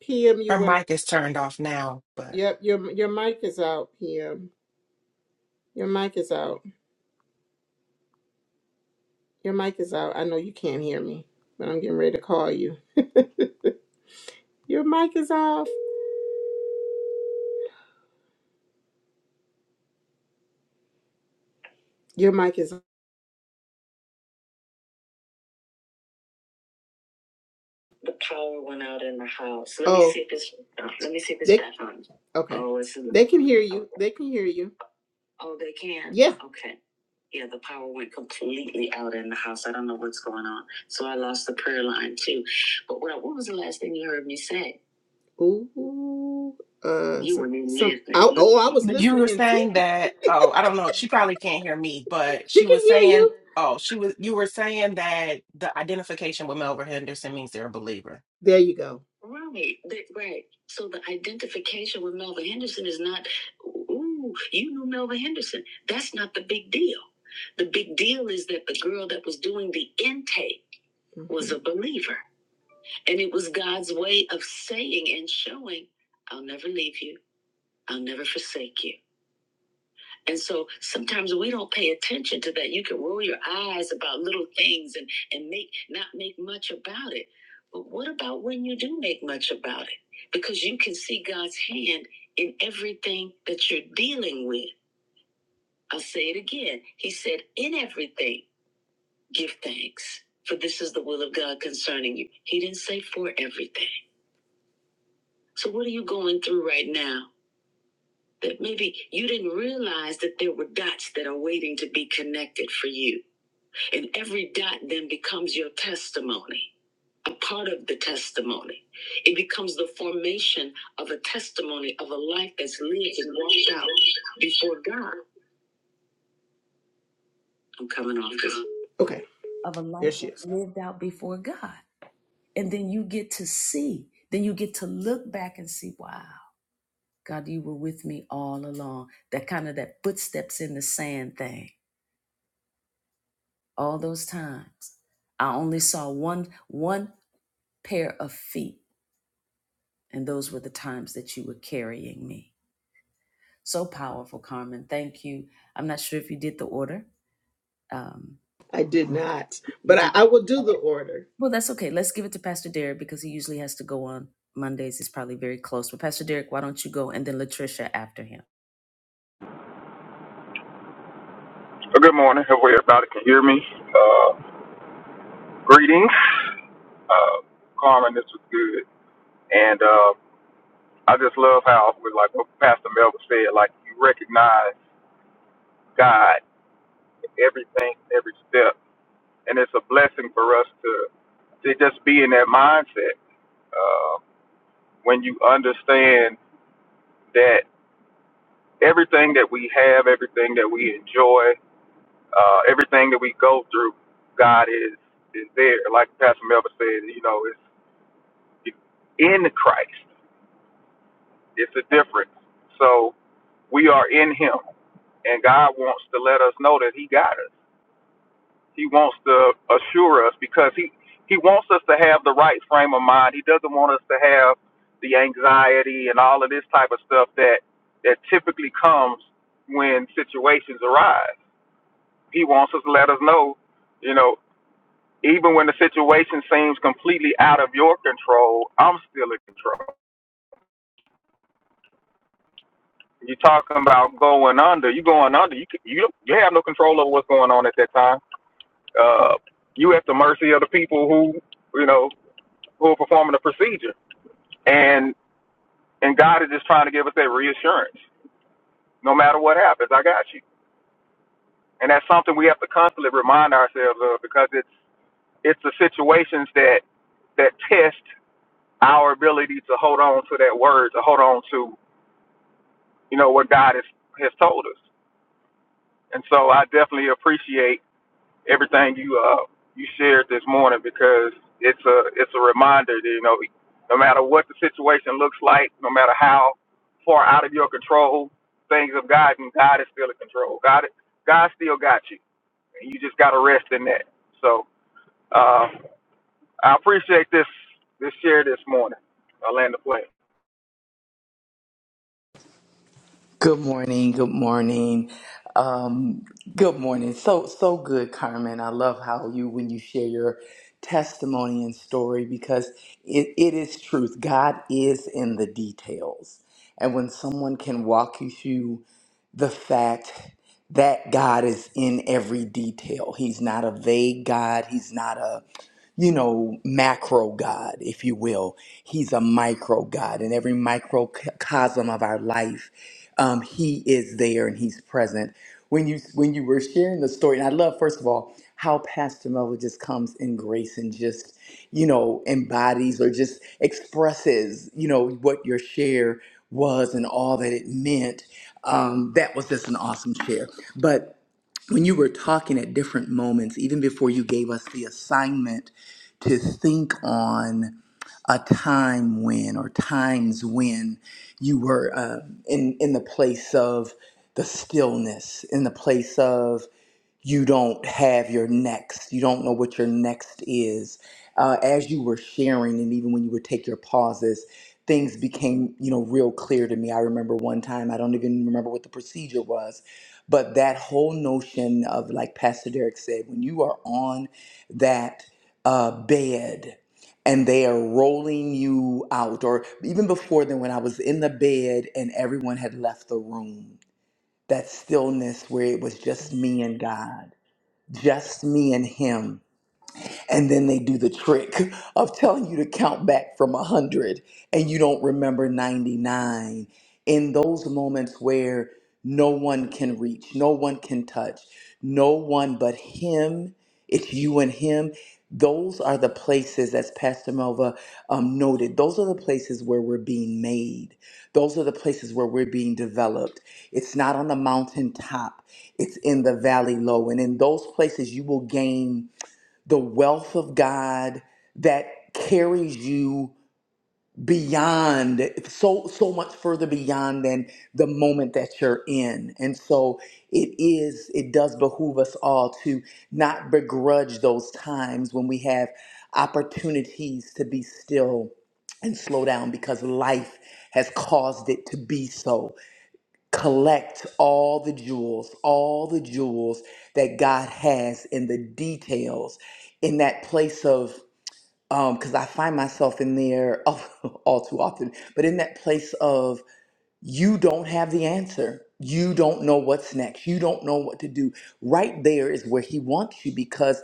PM, you
her
went out.
mic is turned off now. But
Yep, your, your mic is out, PM. Your mic is out. Your mic is out. I know you can't hear me, but I'm getting ready to call you. Your mic is off. Your mic is off. The power went out in the house. Let me Oh, see if it's, let me see if it's they back on. Okay. oh, it's in the They can hear you. They can hear you. Oh, they can? Yeah. Okay. Yeah, the power went completely out in the house. I don't know what's going on. So I lost the prayer line too. But what, what was the last thing you heard me say? Ooh, uh, You were in there. oh, oh, I was
But you
listening
were saying
intently.
that, oh, I don't know. She probably can't hear me, but
She
she
can
was
hear
saying,
you.
oh, she was, you were saying that the identification with Melvin Henderson means they're a believer.
There you go. Right, that, right. So the identification with Melvin Henderson is not, ooh, you knew Melvin Henderson. That's not the big deal. The big deal is that the girl that was doing the intake mm-hmm. was a believer. And it was God's way of saying and showing, I'll never leave you, I'll never forsake you. And so sometimes we don't pay attention to that. You can roll your eyes about little things and, and make not make much about it. But what about when you do make much about it? Because you can see God's hand in everything that you're dealing with. I'll say it again. He said, in everything, give thanks. For this is the will of God concerning you. He didn't say for everything. So what are you going through right now? that maybe you didn't realize that there were dots that are waiting to be connected for you. And every dot then becomes your testimony, a part of the testimony. It becomes the formation of a testimony of a life that's lived and walked out before God. I'm coming off this. Okay, there she is. I did not, but I, I will do the order.
Well, Good morning. Hopefully everybody can hear me. Uh, greetings. Uh, Carmen, this was good. And uh, I just love how, with like what Pastor Melvin said, like you recognize God in everything, every step. And it's a blessing for us to, to just be in that mindset uh, when you understand that everything that we have, everything that we enjoy, uh, everything that we go through, God is, is there. Like Pastor Melvin said, you know, it's in Christ. It's a difference. So we are in Him, and God wants to let us know that He got us. He wants to assure us because He He wants us to have the right frame of mind. He doesn't want us to have the anxiety and all of this type of stuff that that typically comes when situations arise. He wants us to let us know, you know, even when the situation seems completely out of your control, I'm still in control. You talking about going under? You going under? You c- you you have no control over what's going on at that time. Uh, you at the mercy of the people who you know who are performing the procedure, and and God is just trying to give us that reassurance. No matter what happens, I got you, and that's something we have to constantly remind ourselves of because it's it's the situations that that test our ability to hold on to that word, to hold on to you know what God has has told us. And so I definitely appreciate everything you uh you shared this morning because it's a it's a reminder that you know no matter what the situation looks like, no matter how far out of your control things have gotten, God is still in control. God God still got you, and you just got to rest in that. So uh, I appreciate this this share this morning. I land the plane.
morning. Good morning. Um, good morning. So so good, Carmen. I love how you when you share your testimony and story because it, it is truth. God is in the details, and when someone can walk you through the fact that God is in every detail, He's not a vague God. He's not a you know, macro God, if you will. He's a micro God in every microcosm of our life. um, he is there and he's present. When you when you were sharing the story, and I love first of all how Pastor Melville just comes in grace and just you know embodies or just expresses you know what your share was and all that it meant. Um, that was just an awesome share. But when you were talking at different moments, even before you gave us the assignment to think on a time when or times when you were uh, in in the place of the stillness, in the place of you don't have your next. You don't know what your next is. Uh, as you were sharing, and even when you would take your pauses, things became, you know, real clear to me. I remember one time, I don't even remember what the procedure was but that whole notion of, like Pastor Derek said, when you are on that uh, bed and they are rolling you out, or even before then, when I was in the bed and everyone had left the room, that stillness where it was just me and God, just me and Him and then they do the trick of telling you to count back from 100 and you don't remember 99 in those moments where no one can reach no one can touch no one but him it's you and him those are the places as pastor melva um, noted those are the places where we're being made those are the places where we're being developed it's not on the mountaintop it's in the valley low and in those places you will gain the wealth of God that carries you beyond so so much further beyond than the moment that you're in and so it is it does behoove us all to not begrudge those times when we have opportunities to be still and slow down because life has caused it to be so collect all the jewels, all the jewels that God has in the details, in that place of, um, because I find myself in there all too often, but in that place of you don't have the answer. You don't know what's next. You don't know what to do. Right there is where he wants you because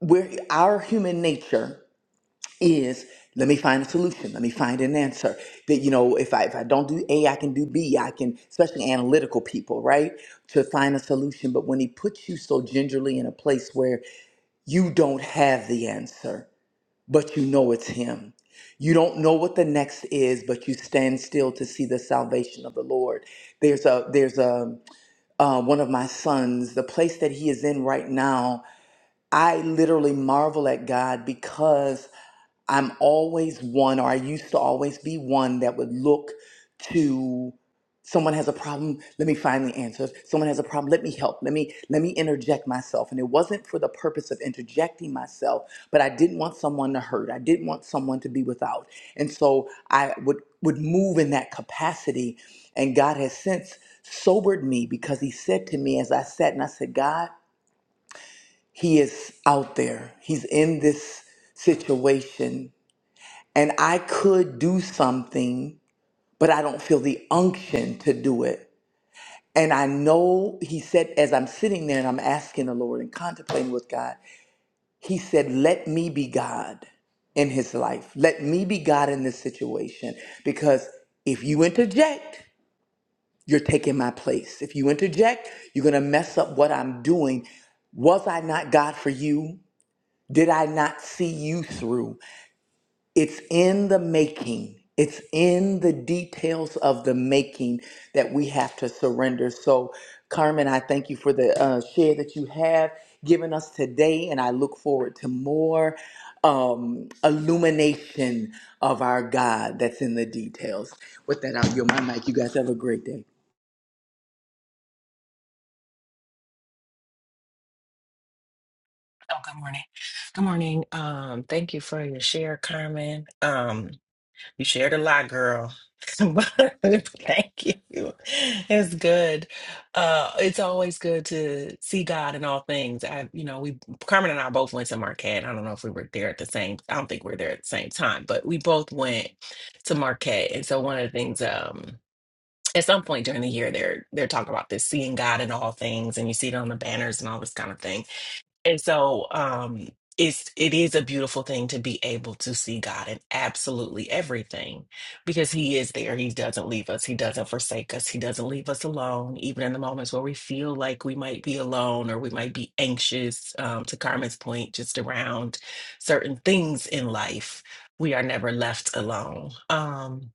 we're our human nature is let me find a solution let me find an answer that you know if i if i don't do a i can do b i can especially analytical people right to find a solution but when he puts you so gingerly in a place where you don't have the answer but you know it's him you don't know what the next is but you stand still to see the salvation of the lord there's a there's a uh, one of my sons the place that he is in right now i literally marvel at god because I'm always one, or I used to always be one that would look to someone has a problem. Let me find the answers. Someone has a problem. Let me help. Let me let me interject myself. And it wasn't for the purpose of interjecting myself, but I didn't want someone to hurt. I didn't want someone to be without. And so I would would move in that capacity. And God has since sobered me because He said to me as I sat and I said, God, He is out there. He's in this situation and I could do something, but I don't feel the unction to do it. And I know he said, as I'm sitting there and I'm asking the Lord and contemplating with God, he said, Let me be God in his life. Let me be God in this situation. Because if you interject, you're taking my place. If you interject, you're going to mess up what I'm doing. Was I not God for you? Did I not see you through? It's in the making. It's in the details of the making that we have to surrender. So, Carmen, I thank you for the uh, share that you have given us today, and I look forward to more um, illumination of our God that's in the details. With that, I'll yield my mic. You guys have a great day.
Oh, good morning. Good morning. Um, thank you for your share, Carmen. Um, You shared a lot, girl. But Thank you. It's good. Uh, it's always good to see God in all things. I, you know, we Carmen and I both went to Marquette. I don't know if we were there at the same. I don't think we were there at the same time, but we both went to Marquette. And so one of the things, um, at some point during the year, they're they're talking about this seeing God in all things, and you see it on the banners and all this kind of thing. And so um it's it is a beautiful thing to be able to see God in absolutely everything because he is there. He doesn't leave us. He doesn't forsake us. He doesn't leave us alone even in the moments where we feel like we might be alone or we might be anxious um to Carmen's point just around certain things in life. We are never left alone. Um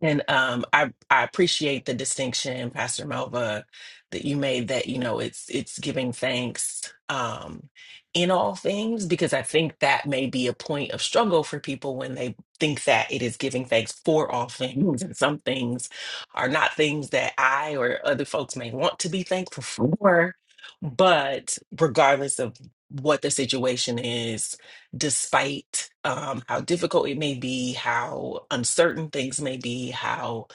and um, I I appreciate the distinction, Pastor Melva, that you made that you know it's it's giving thanks um, in all things because I think that may be a point of struggle for people when they think that it is giving thanks for all things, and some things are not things that I or other folks may want to be thankful for. But regardless of what the situation is, despite um, how difficult it may be, how uncertain things may be, how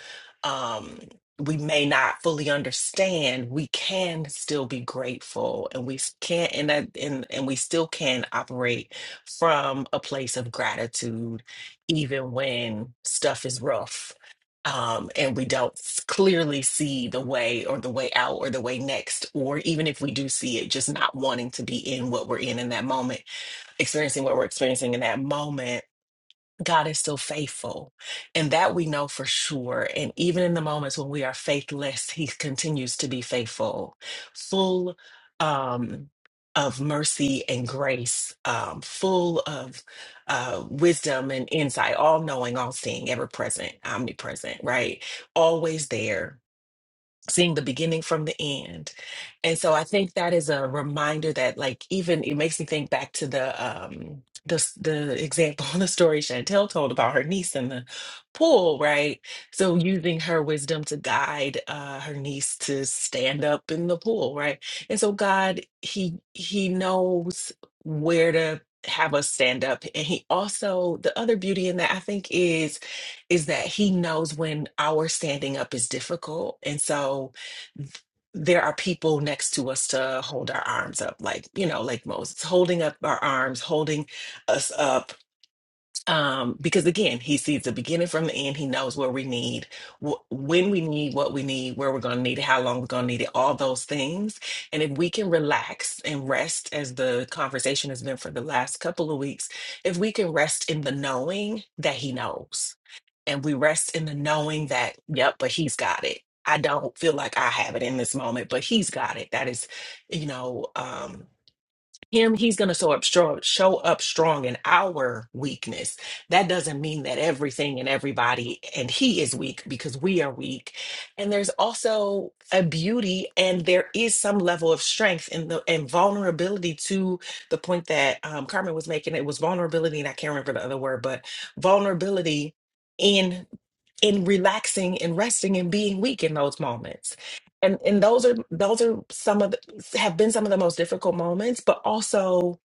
um, we may not fully understand, we can still be grateful, and we can't. and that and and we still can operate from a place of gratitude, even when stuff is rough. Um, and we don't s- clearly see the way or the way out or the way next, or even if we do see it, just not wanting to be in what we're in in that moment experiencing what we're experiencing in that moment, God is still faithful. And that we know for sure. And even in the moments when we are faithless, He continues to be faithful, full um, of mercy and grace, um, full of uh, wisdom and insight, all knowing, all seeing, ever present, omnipresent, right? Always there seeing the beginning from the end. And so I think that is a reminder that like even it makes me think back to the um the s- the example the story Chantel told about her niece in the pool, right? So using her wisdom to guide uh her niece to stand up in the pool, right? And so God he he knows where to have us stand up and he also the other beauty in that I think is is that he knows when our standing up is difficult. And so th- there are people next to us to hold our arms up, like, you know, like Moses, holding up our arms, holding us up. Um, because again, he sees the beginning from the end. He knows what we need, wh- when we need what we need, where we're going to need it, how long we're going to need it, all those things. And if we can relax and rest, as the conversation has been for the last couple of weeks, if we can rest in the knowing that he knows and we rest in the knowing that, yep, but he's got it. I don't feel like I have it in this moment, but he's got it. That is, you know, um, him he's going to show up strong show up strong in our weakness that doesn't mean that everything and everybody and he is weak because we are weak and there's also a beauty and there is some level of strength and the and vulnerability to the point that um, carmen was making it was vulnerability and i can't remember the other word but vulnerability in in relaxing and resting and being weak in those moments and and those are those are some of the have been some of the most difficult moments, but also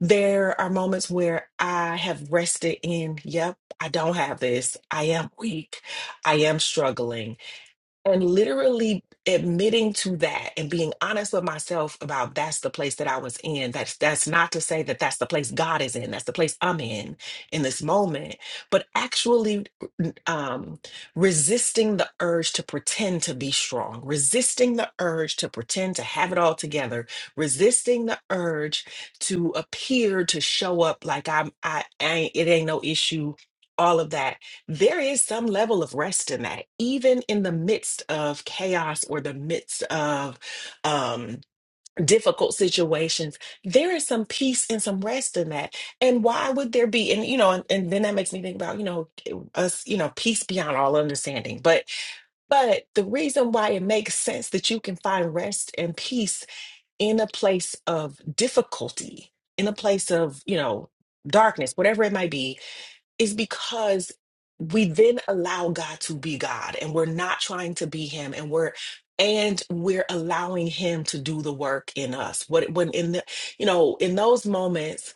there are moments where I have rested in, yep, I don't have this. I am weak. I am struggling and literally admitting to that and being honest with myself about that's the place that I was in that's that's not to say that that's the place God is in that's the place I'm in in this moment but actually um resisting the urge to pretend to be strong resisting the urge to pretend to have it all together resisting the urge to appear to show up like I'm I, I ain't, it ain't no issue all of that there is some level of rest in that, even in the midst of chaos or the midst of um, difficult situations. There is some peace and some rest in that. And why would there be? And you know, and, and then that makes me think about you know us, you know, peace beyond all understanding. But but the reason why it makes sense that you can find rest and peace in a place of difficulty, in a place of you know darkness, whatever it might be is because we then allow God to be God and we're not trying to be him and we're and we're allowing him to do the work in us. What when in the you know, in those moments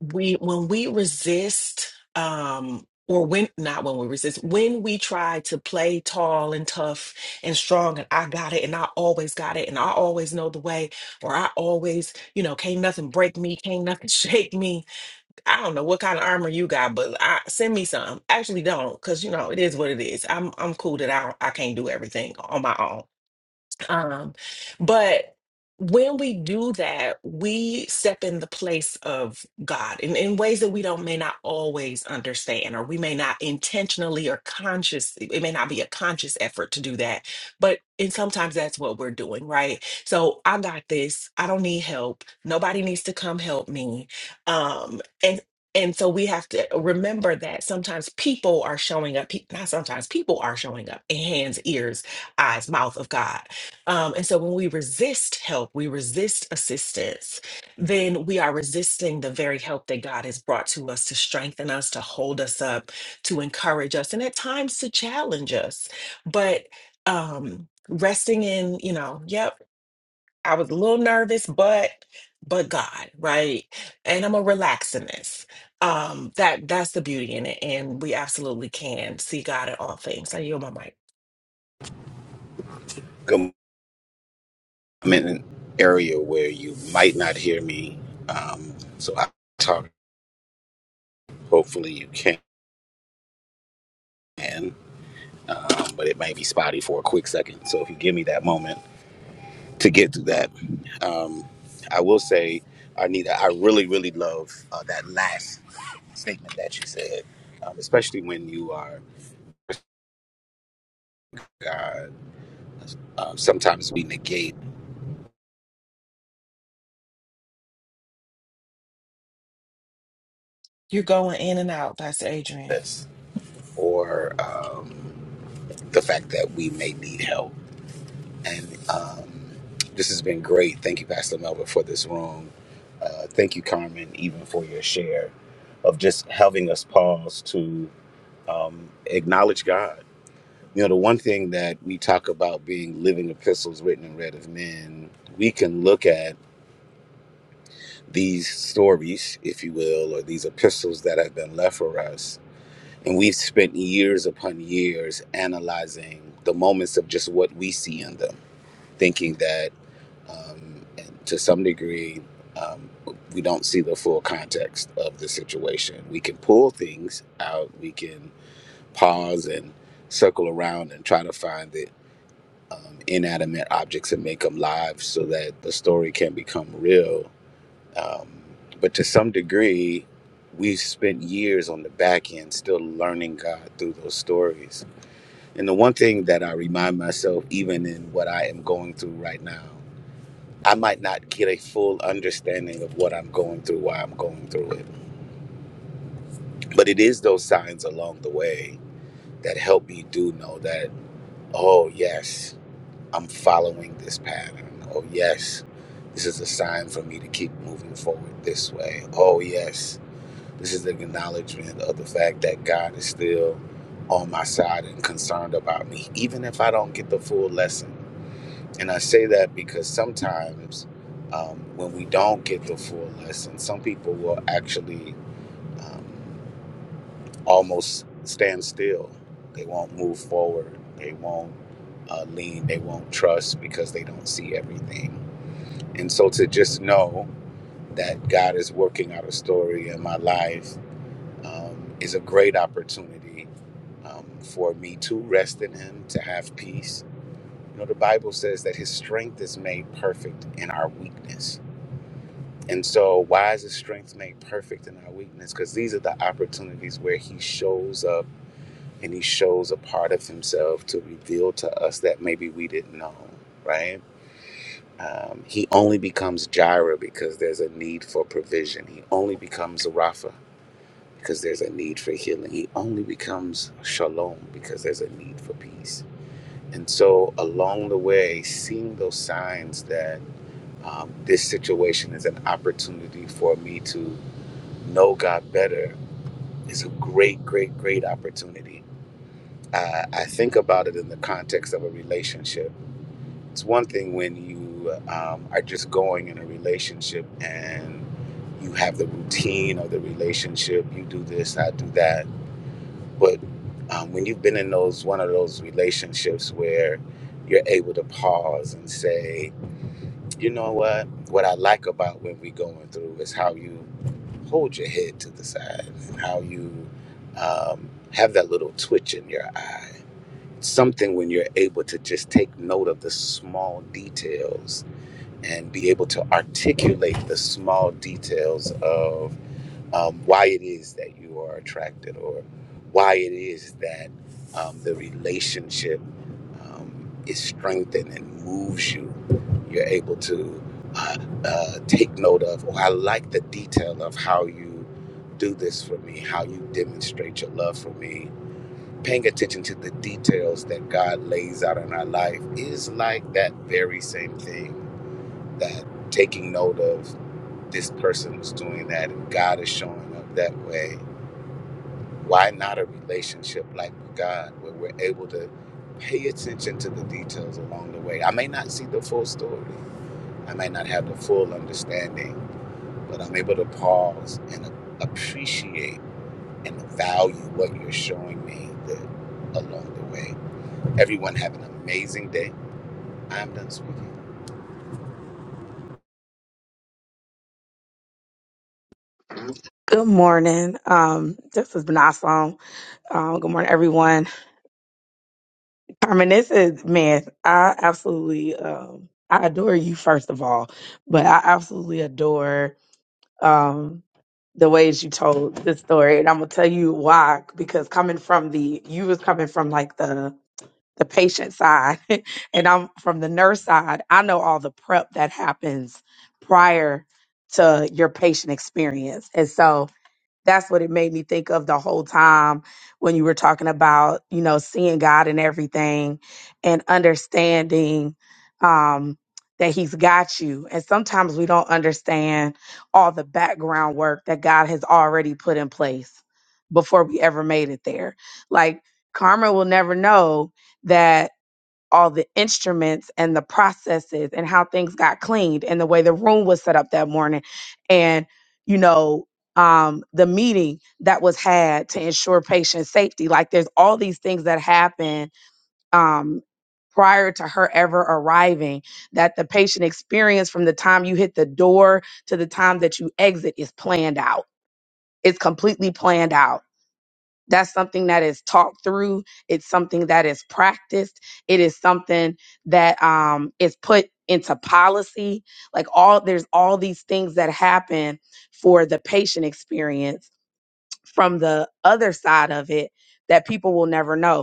we when we resist um or when not when we resist when we try to play tall and tough and strong and I got it and I always got it and I always know the way or I always you know can't nothing break me can't nothing shake me I don't know what kind of armor you got, but I, send me some. Actually, don't, because you know it is what it is. I'm I'm cool that I I can't do everything on my own. Um, but when we do that, we step in the place of God in, in ways that we don't may not always understand, or we may not intentionally or conscious, it may not be a conscious effort to do that. But and sometimes that's what we're doing, right? So I got this, I don't need help, nobody needs to come help me. Um, and and so we have to remember that sometimes people are showing up, pe- not sometimes people are showing up in hands, ears, eyes, mouth of God um, and so when we resist help, we resist assistance, then we are resisting the very help that God has brought to us to strengthen us, to hold us up, to encourage us, and at times to challenge us. But um, resting in, you know, yep, I was a little nervous, but but God, right? And I'm gonna relax in this. Um, that that's the beauty in it, and we absolutely can see God in all things. I yield my mic.
I'm in an area where you might not hear me, um, so I talk. Hopefully, you can, um, but it may be spotty for a quick second. So if you give me that moment to get through that, um, I will say, Arnita, I really, really love uh, that last statement that you said, um, especially when you are. Uh, um, sometimes we negate
You're going in and out, Pastor Adrian.
this or um, the fact that we may need help And um, this has been great. Thank you, Pastor Melba, for this room. Uh, thank you, Carmen, even for your share of just having us pause to um, acknowledge God. You know, the one thing that we talk about being living epistles written and read of men, we can look at these stories, if you will, or these epistles that have been left for us. And we've spent years upon years analyzing the moments of just what we see in them, thinking that um, and to some degree, um, we don't see the full context of the situation. We can pull things out, we can pause and circle around and try to find the um, inanimate objects and make them live so that the story can become real. Um, but to some degree, we've spent years on the back end still learning God through those stories. And the one thing that I remind myself, even in what I am going through right now, I might not get a full understanding of what I'm going through, why I'm going through it. But it is those signs along the way that help me do know that, oh, yes, I'm following this pattern. Oh, yes, this is a sign for me to keep moving forward this way. Oh, yes, this is an acknowledgement of the fact that God is still on my side and concerned about me, even if I don't get the full lesson And I say that because sometimes um, when we don't get the full lesson, some people will actually um, almost stand still. They won't move forward. They won't uh, lean. They won't trust because they don't see everything. And so to just know that God is working out a story in my life um, is a great opportunity um, for me to rest in Him, to have peace. You know, the Bible says that His strength is made perfect in our weakness. And so, why is his strength made perfect in our weakness? Because these are the opportunities where he shows up and he shows a part of himself to reveal to us that maybe we didn't know, right? Um, he only becomes Jireh because there's a need for provision. He only becomes Rapha because there's a need for healing. He only becomes Shalom because there's a need for peace. And so, along the way, seeing those signs that um, this situation is an opportunity for me to know God better is a great, great, great opportunity. Uh, I think about it in the context of a relationship. It's one thing when you um, are just going in a relationship and you have the routine of the relationship. You do this, I do that. But um, when you've been in those one of those relationships where you're able to pause and say, you know what? What I like about when we going through is how you hold your head to the side and how you um, have that little twitch in your eye. Something when you're able to just take note of the small details and be able to articulate the small details of um, why it is that you are attracted or why it is that um, the relationship um, is strengthened and moves you. You're able to uh, uh, take note of, or I like the detail of how you do this for me, how you demonstrate your love for me. Paying attention to the details that God lays out in our life is like that very same thing that taking note of this person was doing that and God is showing up that way. Why not a relationship like with God where we're able to pay attention to the details along the way? I may not see the full story, I may not have the full understanding, but I'm able to pause and appreciate and value what you're showing me the, along the way. Everyone have an amazing day. I'm done speaking.
Good morning. Um, this has been awesome. Um, good morning, everyone. Carmen, this is man. I absolutely, um, I adore you first of all, but I absolutely adore um the ways you told this story, and I'm gonna tell you why. Because coming from the, you was coming from like the the patient side and I'm from the nurse side, I know all the prep that happens prior to your patient experience. And so that's what it made me think of the whole time when you were talking about you know seeing god and everything and understanding um that he's got you and sometimes we don't understand all the background work that god has already put in place before we ever made it there like carmen will never know that all the instruments and the processes and how things got cleaned and the way the room was set up that morning and you know um, the meeting that was had to ensure patient safety like there's all these things that happen um, prior to her ever arriving that the patient experience from the time you hit the door to the time that you exit is planned out it's completely planned out that's something that is talked through. It's something that is practiced. It is something that um, is put into policy. Like all, there's all these things that happen for the patient experience from the other side of it that people will never know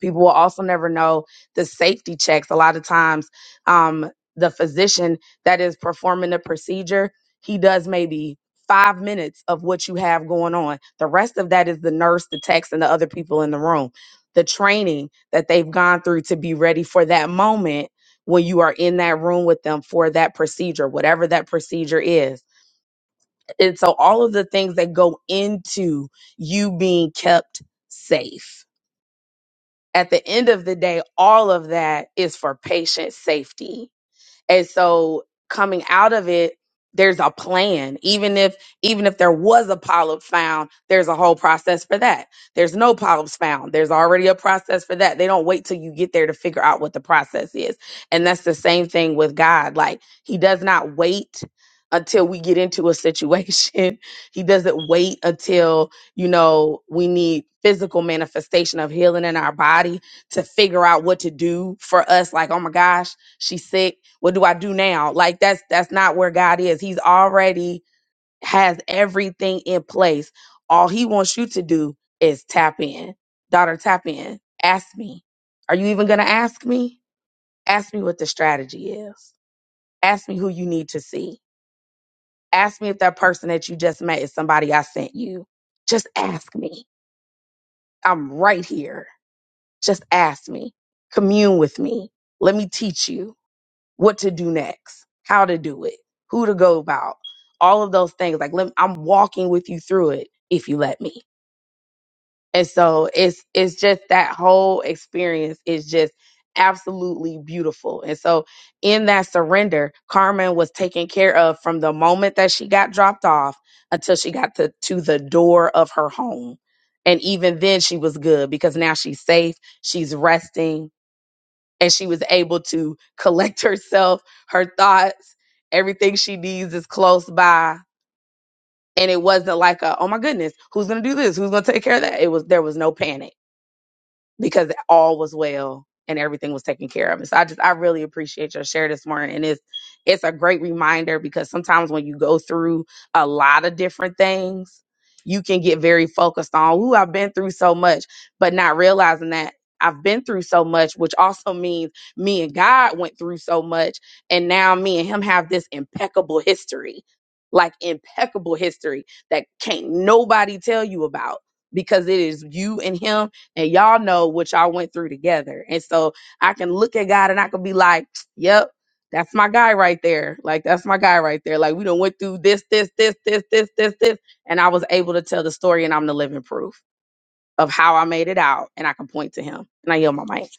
people will also never know the safety checks a lot of times um, the physician that is performing the procedure he does maybe five minutes of what you have going on the rest of that is the nurse the techs and the other people in the room the training that they've gone through to be ready for that moment when you are in that room with them for that procedure whatever that procedure is and so all of the things that go into you being kept safe at the end of the day, all of that is for patient safety. And so coming out of it, there's a plan. Even if even if there was a polyp found, there's a whole process for that. There's no polyps found. There's already a process for that. They don't wait till you get there to figure out what the process is. And that's the same thing with God. Like he does not wait until we get into a situation. he doesn't wait until, you know, we need physical manifestation of healing in our body to figure out what to do for us like, "Oh my gosh, she's sick what do I do now? Like that's that's not where God is. He's already has everything in place. All he wants you to do is tap in. Daughter, tap in. Ask me. Are you even going to ask me? Ask me what the strategy is. Ask me who you need to see. Ask me if that person that you just met is somebody I sent you. Just ask me. I'm right here. Just ask me. Commune with me. Let me teach you what to do next, how to do it, who to go about, all of those things. Like let, I'm walking with you through it if you let me. And so it's it's just that whole experience is just absolutely beautiful. And so in that surrender, Carmen was taken care of from the moment that she got dropped off until she got to, to the door of her home. And even then she was good because now she's safe, she's resting, and she was able to collect herself, her thoughts, everything she needs is close by. And it wasn't like a, oh my goodness, who's gonna do this? Who's gonna take care of that? It was there was no panic because all was well and everything was taken care of. And so I just I really appreciate your share this morning. And it's it's a great reminder because sometimes when you go through a lot of different things, you can get very focused on, ooh, I've been through so much, but not realizing that I've been through so much, which also means me and God went through so much. And now me and him have this impeccable history, like impeccable history that can't nobody tell you about because it is you and him and y'all know what y'all went through together. And so I can look at God and I can be like, yep, that's my guy right there. Like that's my guy right there. Like we done went through this, this, this, this, this, this, this, and I was able to tell the story, and I'm the living proof of how I made it out, and I can point to him, and I yell my mic.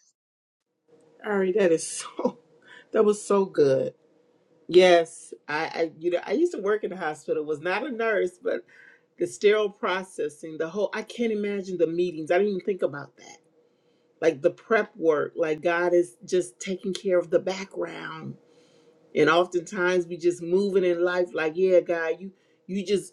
All right, that is so, that was so good. Yes, I, I you know I used to work in the hospital. Was not a nurse, but the sterile processing, the whole I can't imagine the meetings. I didn't even think about that. Like the prep work, like God is just taking care of the background. And oftentimes we just moving in life like, yeah, God, you you just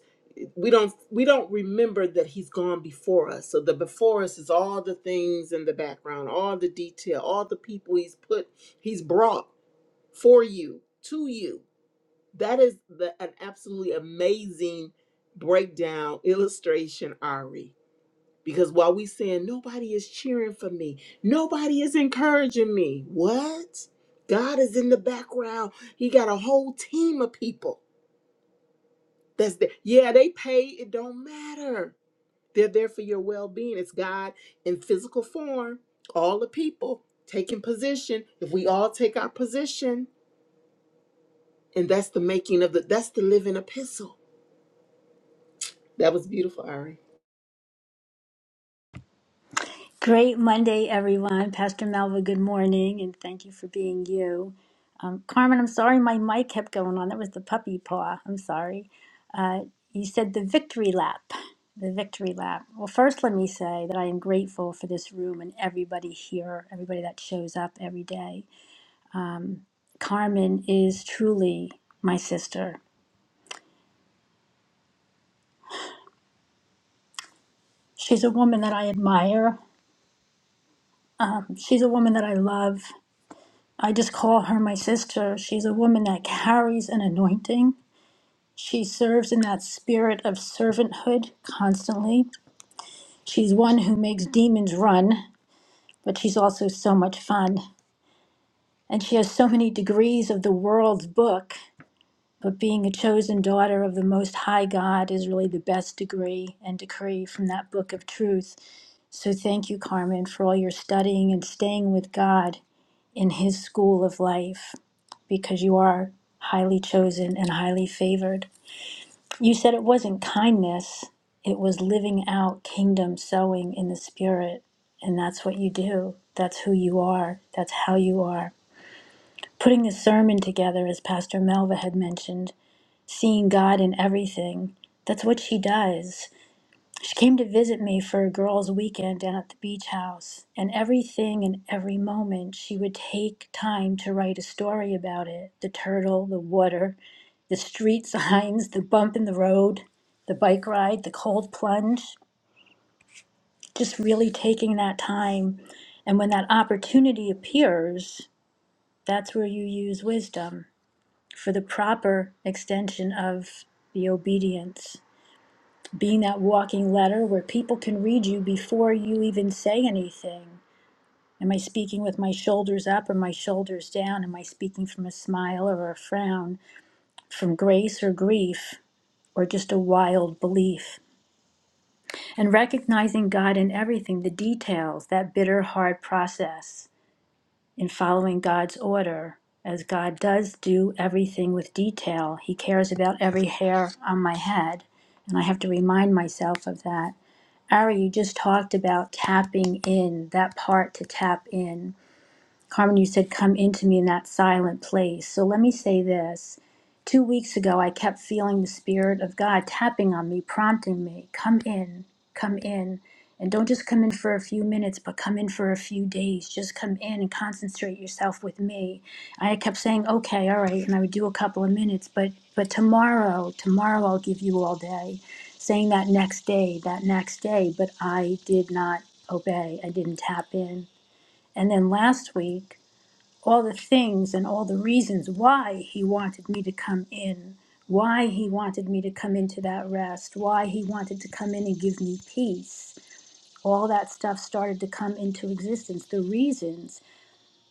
we don't we don't remember that he's gone before us. So the before us is all the things in the background, all the detail, all the people he's put he's brought for you, to you that is the, an absolutely amazing breakdown illustration, Ari. Because while we saying nobody is cheering for me, nobody is encouraging me. What? God is in the background. He got a whole team of people. That's the yeah, they pay, it don't matter. They're there for your well-being. It's God in physical form, all the people taking position. If we all take our position, and that's the making of the that's the living epistle. That was beautiful, Ari.
Great Monday, everyone. Pastor Malva, good morning, and thank you for being you. Um, Carmen, I'm sorry my mic kept going on. That was the puppy paw. I'm sorry. Uh, you said the victory lap. The victory lap. Well, first, let me say that I am grateful for this room and everybody here, everybody that shows up every day. Carmen is truly my sister. She's a woman that I admire. She's a woman that I love. I just call her my sister. She's a woman that carries an anointing. She serves in that spirit of servanthood constantly. She's one who makes demons run, but she's also so much fun. And she has so many degrees of the world's book, but being a chosen daughter of the Most High God is really the best degree and decree from that book of truth. So thank you, Carmen, for all your studying and staying with God. in his school of life because you are highly chosen and highly favored. You said it wasn't kindness, it was living out kingdom sowing in the spirit. And that's what you do. That's who you are. That's how you are. Putting the sermon together, as Pastor Melva had mentioned, seeing God in everything, that's what she does. She came to visit me for a girls' weekend down at the beach house, and everything and every moment she would take time to write a story about it the turtle, the water, the street signs, the bump in the road, the bike ride, the cold plunge. Just really taking that time. And when that opportunity appears, that's where you use wisdom for the proper extension of the obedience. being that walking letter where people can read you before you even say anything. Am I speaking with my shoulders up or my shoulders down? Am I speaking from a smile or a frown, from grace or grief, or just a wild belief? And recognizing God in everything, the details, that bitter, hard process in following God's order. As God does do everything with detail, He cares about every hair on my head, and I have to remind myself of that. Ari, you just talked about tapping in, that part to tap in. Carmen, you said, Come into me in that silent place. So let me say this. Two weeks ago, I kept feeling the Spirit of God tapping on me, prompting me, Come in, come in. And don't just come in for a few minutes, but come in for a few days. Just come in and concentrate yourself with me. I kept saying, Okay, all right. And I would do a couple of minutes, but, but tomorrow, tomorrow I'll give you all day, saying that next day, that next day. But I did not obey, I didn't tap in. And then last week, all the things and all the reasons why he wanted me to come in, why he wanted me to come into that rest, why he wanted to come in and give me peace. All that stuff started to come into existence, the reasons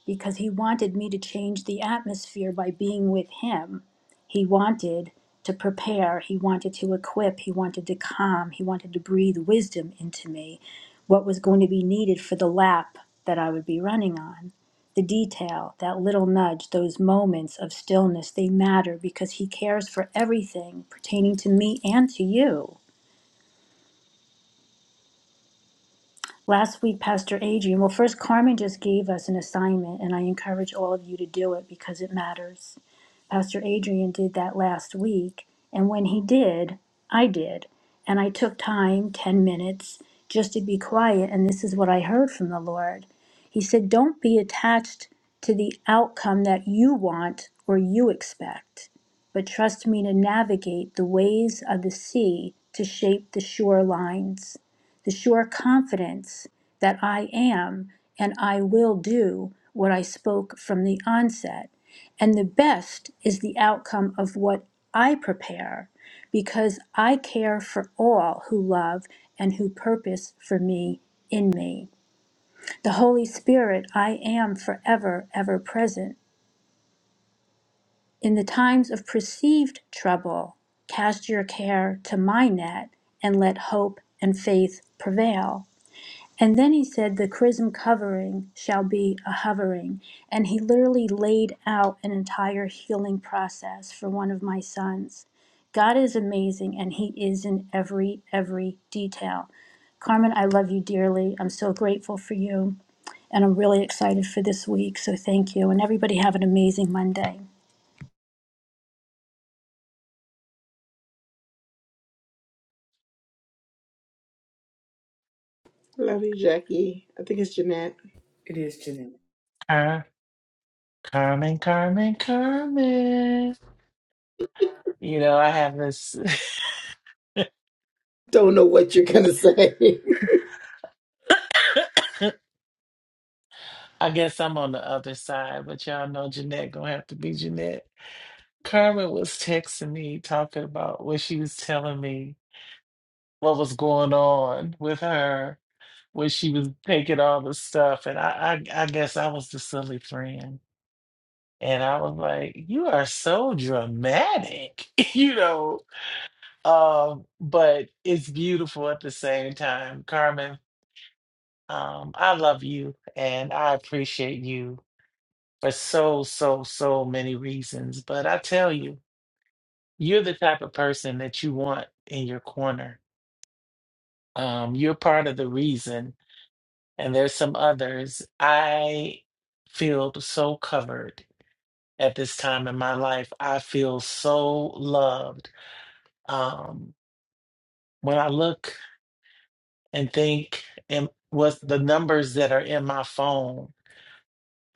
because he wanted me to change the atmosphere by being with him. He wanted to prepare, he wanted to equip, he wanted to calm, he wanted to breathe wisdom into me, what was going to be needed for the lap that I would be running on. The detail, that little nudge, those moments of stillness, they matter because he cares for everything pertaining to me and to you. Last week, Pastor Adrian, well, first, Carmen just gave us an assignment, and I encourage all of you to do it because it matters. Pastor Adrian did that last week. And when he did, I did. And I took time, 10 minutes, just to be quiet. And this is what I heard from the Lord. He said, Don't be attached to the outcome that you want or you expect, but trust me to navigate the ways of the sea to shape the shore lines. The sure confidence that I am and I will do what I spoke from the onset and the best is the outcome of what I prepare, because I care for all who love and who purpose for me in me. The Holy Spirit, I am forever, ever present. In the times of perceived trouble, cast your care to my net and let hope and faith prevail. And then he said the chrism covering shall be a hovering. And he literally laid out an entire healing process for one of my sons. God is amazing and he is in every, every detail. Carmen, I love you dearly. I'm so grateful for you. And I'm really excited for this week. So thank you. And everybody have an amazing Monday.
Love you, Jackie. I think it's Jeanette.
Car- Carmen, Carmen, Carmen. You know, I have this.
Don't know what you're gonna say.
I guess I'm on the other side, but y'all know Jeanette gonna have to be Jeanette. Carmen was texting me talking about what she was telling me, what was going on with her when she was taking all the stuff, and I, I, I guess I was the silly friend, and I was like, "You are so dramatic," you know. Um, but it's beautiful at the same time. Carmen, um, I love you and I appreciate you for so, so, so many reasons. But I tell you, you're the type of person that you want in your corner. Um, you're part of the reason, and there's some others. I feel so covered at this time in my life. I feel so loved. Um, when I look and think and with the numbers that are in my phone,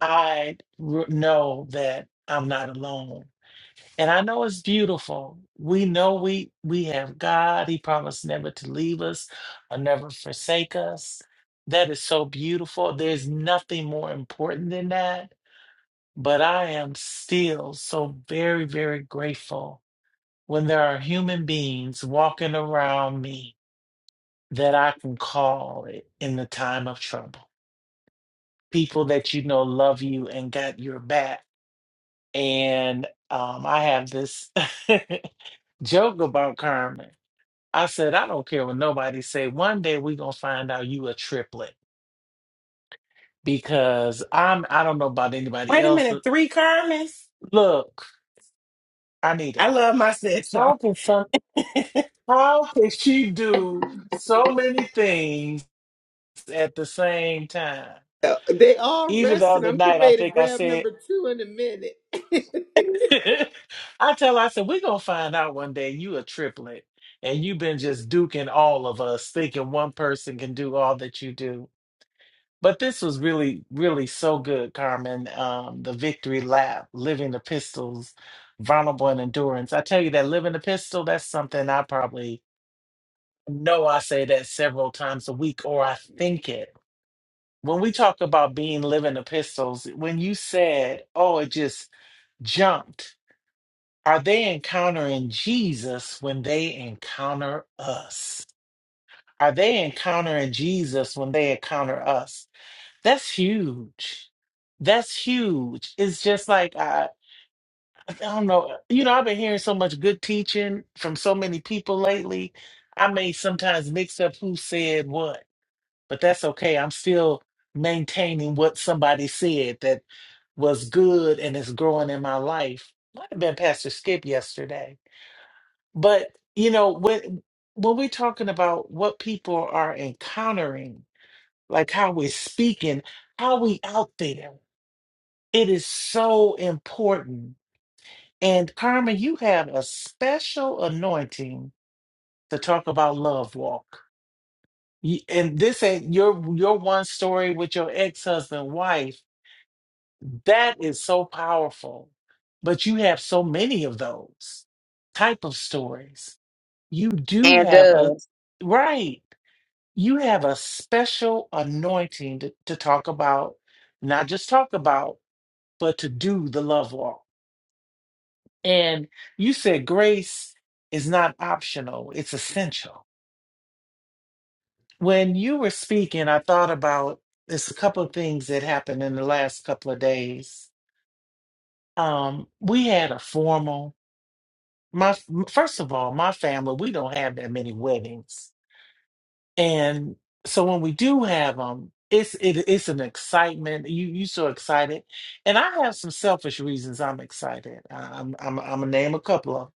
I r- know that I'm not alone. And I know it's beautiful. We know we we have God. He promised never to leave us or never forsake us. That is so beautiful. There's nothing more important than that. But I am still so very, very grateful when there are human beings walking around me that I can call in the time of trouble. people that you know love you and got your back. And um, I have this joke about Carmen. I said, I don't care what nobody say. One day we gonna find out you a triplet because I'm. I don't know about anybody
Wait a
else.
minute, three Carmen's?
Look,
I
Anita,
love my sis though.
how can some?
That's
How can she do so many things at the same time?
they all
Even the
resting.
other
I'm
night,
getting
I
ready to
think I
grab
said.
number two in a minute.
I tell her, I said, we're gonna find out one day you a triplet and you've been just duking all of us, thinking one person can do all that you do. But this was really, really so good, Carmen. Um, the victory lap, living the pistols, vulnerable and endurance. I tell you that living the pistol, that's something I probably know I say that several times a week, or I think it. When we talk about being living the pistols, when you said, oh, it just jumped are they encountering Jesus when they encounter us? Are they encountering Jesus when they encounter us? That's huge. That's huge. It's just like, I, I don't know. You know, I've been hearing so much good teaching from so many people lately. I may sometimes mix up who said what, but that's okay. I'm still maintaining what somebody said that was good and is growing in my life. Might have been Pastor Skip yesterday But you know, when when we're talking about what people are encountering, like how we're speaking, how we out there, it is so important. And Carmen, you have a special anointing to talk about love walk. You- And this ain't your your one story with your ex-husband wife. That is so powerful. But you have so many of those type of stories. You do
And
have a
uh,
right you have a special anointing to, to talk about, not just talk about, but to do the love walk. And you said grace is not optional, it's essential. When you were speaking, I thought about this. a couple of things that happened in the last couple of days. Um, we had a formal, my first of all, my family, we don't have that many weddings And so when we do have them, it's it, it's an excitement. You you so excited, and I have some selfish reasons I'm excited. I- I'm I'm I'm gonna name a couple of 'em.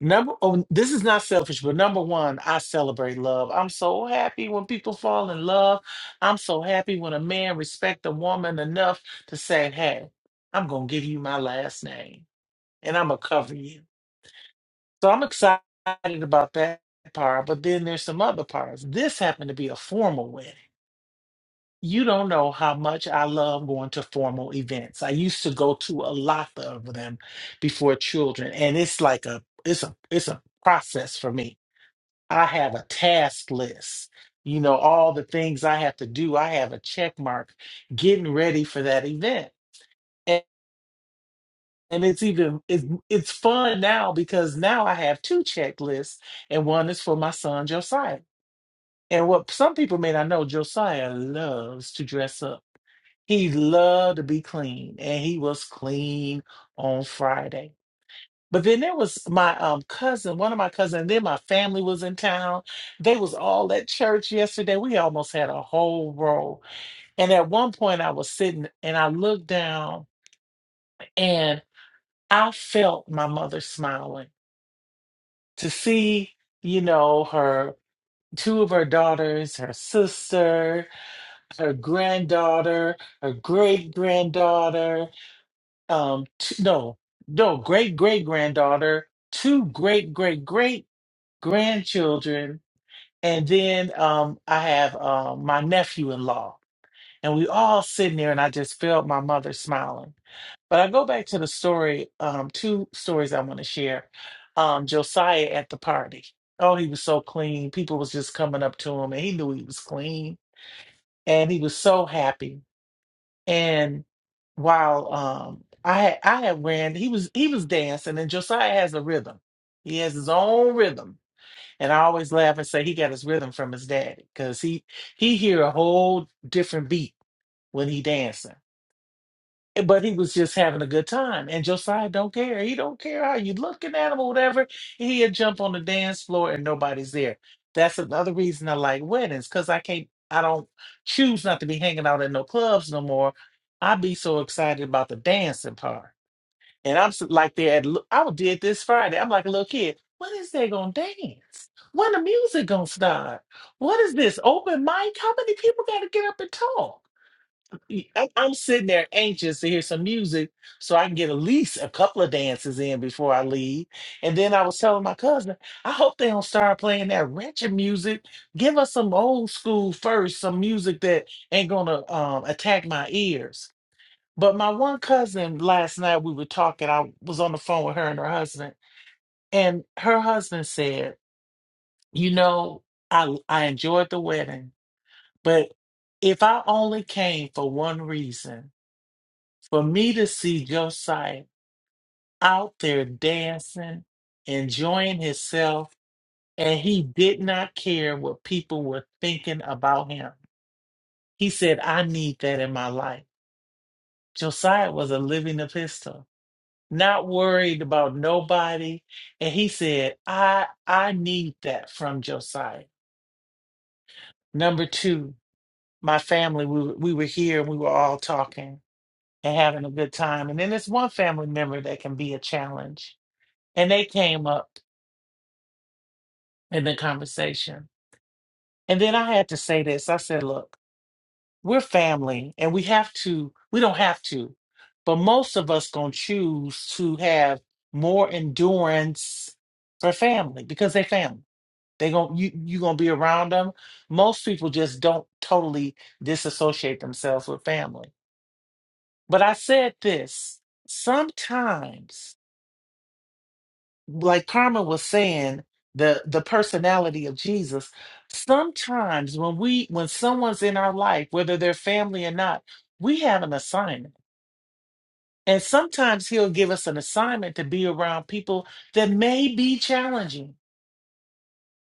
number. Oh, this is not selfish, but number one, I celebrate love. I'm so happy when people fall in love. I'm so happy when a man respect a woman enough to say, "Hey, I'm gonna give you my last name, and I'm gonna cover you." So I'm excited about that part. But then there's some other parts. This happened to be a formal wedding. You don't know how much I love going to formal events. I used to go to a lot of them before children, and it's like a it's a it's a process for me. I have a task list. You know, all the things I have to do. I have a check mark getting ready for that event. And, and it's even it's it's fun now because now I have two checklists and one is for my son Josiah and what some people may not know, Josiah loves to dress up. He loved to be clean, and he was clean on Friday. But then there was my um cousin, one of my cousins, and then my family was in town. They was all at church yesterday. We almost had a whole row. And at one point I was sitting and I looked down and I felt my mother smiling to see, you know, her two of her daughters, her sister. her granddaughter, her great granddaughter, um, t- no, no, great great granddaughter, two great great great grandchildren, and then um, I have uh, my nephew in law, and we all sitting there, and I just felt my mother smiling. But I go back to the story, um, two stories I want to share. Um, Josiah at the party. Oh, he was so clean. People was just coming up to him, and he knew he was clean, and he was so happy And while um I had I had ran, he was he was dancing and Josiah has a rhythm. He has his own rhythm. And I always laugh and say he got his rhythm from his daddy because he he hear a whole different beat when he dancing but he was just having a good time. And Josiah don't care. He don't care how you looking at him or whatever. He'd jump on the dance floor and nobody's there. That's another reason I like weddings, because I can't I don't choose not to be hanging out in no clubs no more. I be so excited about the dancing part. And I'm s- like there at l- I did this Friday. I'm like a little kid. When is they gonna dance? When the music gonna start? What is this? Open mic? How many people gotta get up and talk? y- I'm, I'm sitting there anxious to hear some music so I can get at least a couple of dances in before I leave. And then I was telling my cousin, I hope they don't start playing that wretched music. Give us some old school first, some music that ain't gonna um, attack my ears. But my one cousin last night we were talking. I was on the phone with her and her husband, and her husband said, "You know, I I enjoyed the wedding, but if I only came for one reason." For me to see Josiah out there dancing, enjoying himself, and he did not care what people were thinking about him. He said, I need that in my life. Josiah was a living epistle, not worried about nobody. And he said, I I need that from Josiah. Number two, my family, we, were- we were here and we were all talking and having a good time. And then there's one family member that can be a challenge. And they came up in the conversation. And then I had to say this I said, look, we're family and we have to, we don't have to, but most of us going to choose to have more endurance for family because they family. They going you you gonna be around them. Most people just don't totally disassociate themselves with family. But I said this: sometimes like Carmen was saying, the the personality of Jesus. Sometimes when we when someone's in our life, whether they're family or not, we have an assignment. And sometimes he'll give us an assignment to be around people that may be challenging.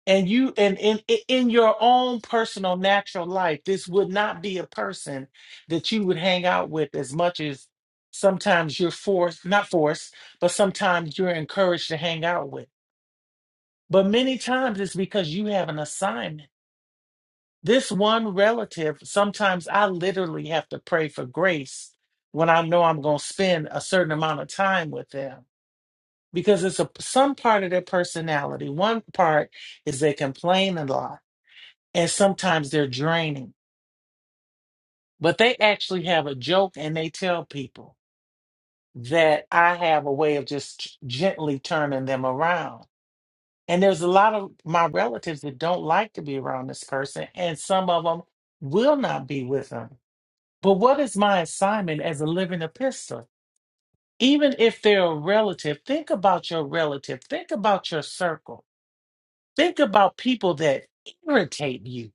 And you and in i- in your own personal natural life, this would not be a person that you would hang out with as much as sometimes you're forced, not forced, but sometimes you're encouraged to hang out with. But many times it's because you have an assignment. This one relative, sometimes I literally have to pray for grace when I know I'm going to spend a certain amount of time with them because it's a some part of their personality. One part is they complain a lot and sometimes they're draining. But they actually have a joke and they tell people that I have a way of just gently turning them around And there's a lot of my relatives that don't like to be around this person, and some of them will not be with them. But what is my assignment as a living epistle? Even if they're a relative, think about your relative, think about your circle, think about people that irritate you.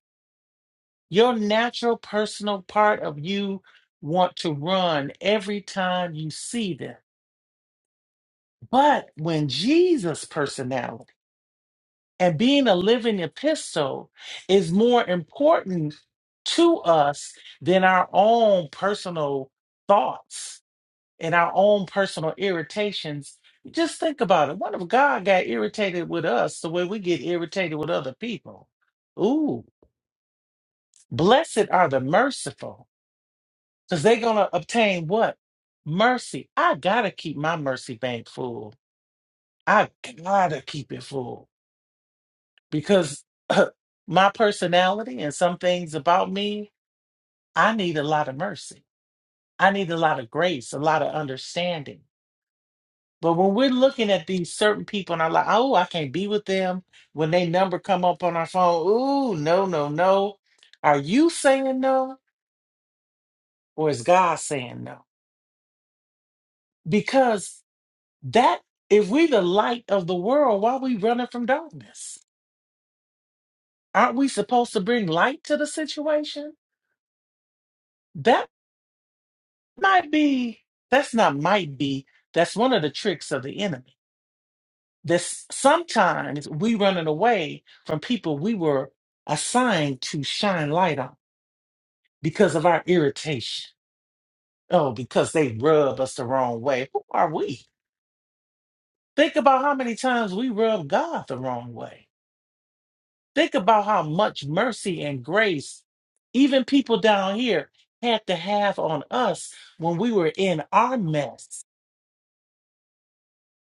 Your natural personal part of you want to run every time you see them. But when Jesus' personality, And being a living epistle is more important to us than our own personal thoughts and our own personal irritations. Just think about it. What if God got irritated with us the way we get irritated with other people? Ooh, blessed are the merciful because they're going to obtain what? Mercy. I got to keep my mercy bank full. I got to keep it full because my personality and some things about me, I need a lot of mercy. I need a lot of grace, a lot of understanding. But when we're looking at these certain people and I'm like, oh, I can't be with them. When they number come up on our phone, ooh, no, no, no. Are you saying no? Or is God saying no? Because that if we the light of the world, why are we running from darkness? Aren't we supposed to bring light to the situation? That. might be that's not might be that's one of the tricks of the enemy this sometimes we running away from people we were assigned to shine light on because of our irritation oh because they rub us the wrong way who are we think about how many times we rub god the wrong way think about how much mercy and grace even people down here had to have on us when we were in our mess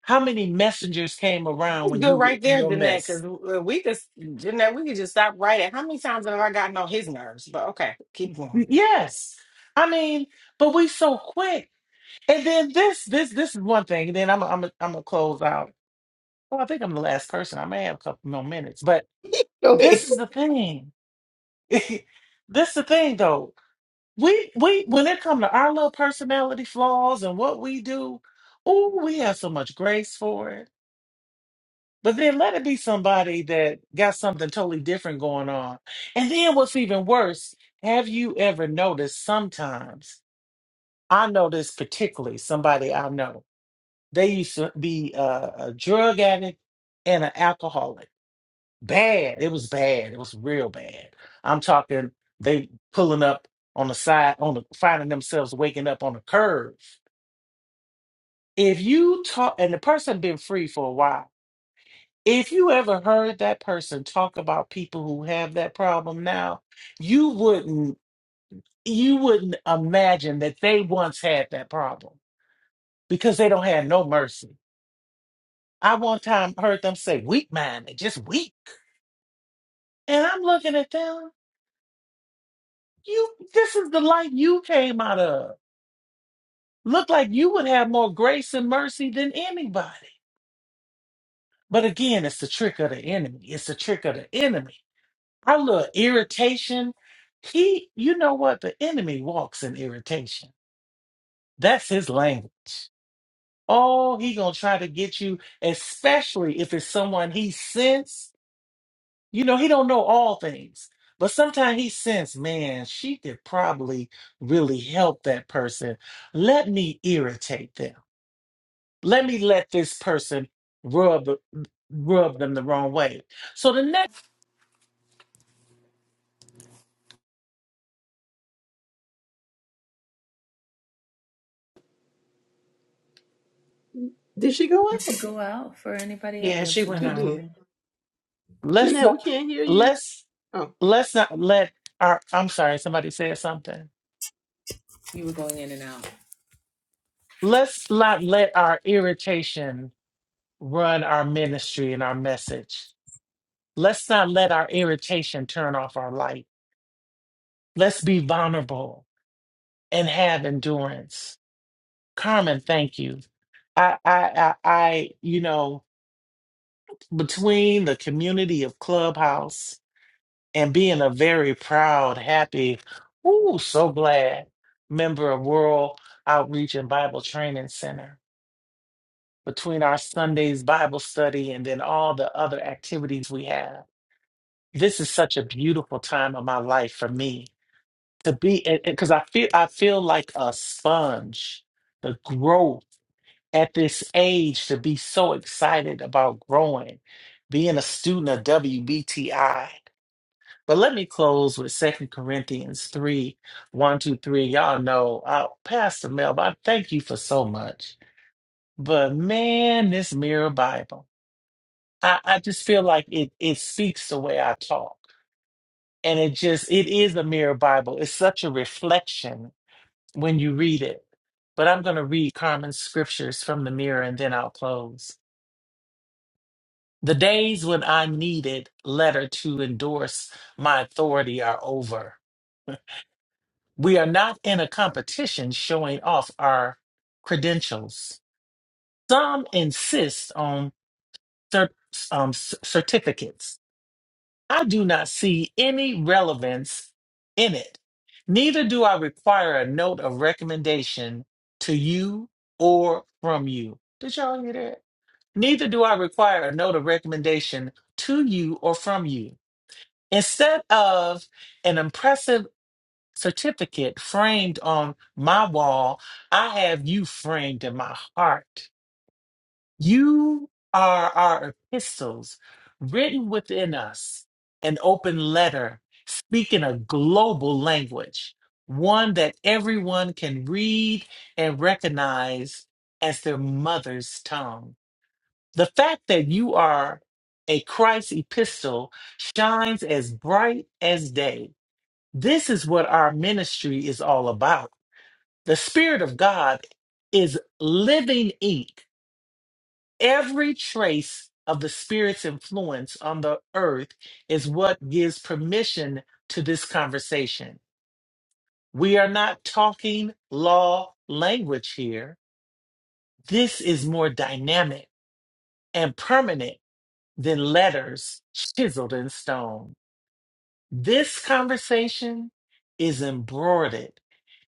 How many messengers came around when
good
you were
right
in
there,
your
Jeanette, because
mess?
we just Jeanette, we could just stop right at how many times have I gotten on his nerves? But okay, keep going.
Yes. I mean, but we so quick. And then this, this, this is one thing. And then I'm, I'm, I'm gonna close out. Well, I think I'm the last person. I may have a couple more minutes, but
go
this
ahead.
is the thing. this the thing, though. We, we, when it comes to our little personality flaws and what we do, oh, we have so much grace for it But then let it be somebody that got something totally different going on. And then what's even worse, have you ever noticed sometimes, I noticed particularly somebody I know, they used to be a, a drug addict and an alcoholic. Bad. It was bad. It was real bad. I'm talking they pulling up on the side, on the finding themselves waking up on the curb. If you talk and the person been free for a while If you ever heard that person talk about people who have that problem now, you wouldn't you wouldn't imagine that they once had that problem because they don't have no mercy. I one time heard them say weak minded, just weak. And I'm looking at them, you this is the life you came out of. Look like you would have more grace and mercy than anybody. But again, it's the trick of the enemy. It's the trick of the enemy Our little irritation, he, you know what? The enemy walks in irritation. That's his language. Oh, he gonna try to get you, especially if it's someone he sense. You know, he don't know all things, but sometimes he sense, man, she could probably really help that person. Let me irritate them. Let me let this person rub rub them the wrong way. So the next,
Did she go out?
Yeah, she went
She
on.
did.
let's
Jeanette,
not
we can't hear you.
let's
Oh,
let's not let our i'm sorry somebody said something let's not let our irritation run our ministry and our message let's not let our irritation turn off our light let's be vulnerable and have endurance carmen thank you i i i, I you know between the community of clubhouse and being a very proud happy ooh so glad member of world outreach and bible training center between our Sundays Bible study and then all the other activities we have. This is such a beautiful time of my life for me to be because I feel I feel like a sponge. The growth at this age to be so excited about growing, being a student of WBTI. But let me close with Second Corinthians three, one, two, three. Y'all know, uh, Pastor Melba, I thank you for so much. But man, this mirror Bible. I, I just feel like it it speaks the way I talk. And it just it is a mirror Bible. It's such a reflection when you read it. But I'm gonna read common scriptures from the mirror and then I'll close. The days when I needed letter to endorse my authority are over. We are not in a competition showing off our credentials. Some insist on cer- um, c- certificates I do not see any relevance in it. Neither do I require a note of recommendation to you or from you. Did y'all hear that? Neither do I require a note of recommendation to you or from you. Instead of an impressive certificate framed on my wall, I have you framed in my heart. You are our epistles written within us, an open letter speaking a global language, one that everyone can read and recognize as their mother's tongue. The fact that you are a Christ epistle shines as bright as day. This is what our ministry is all about. The Spirit of God is living ink Every trace of the Spirit's influence on the earth is what gives permission to this conversation. We are not talking law language here. This is more dynamic and permanent than letters chiseled in stone. This conversation is embroidered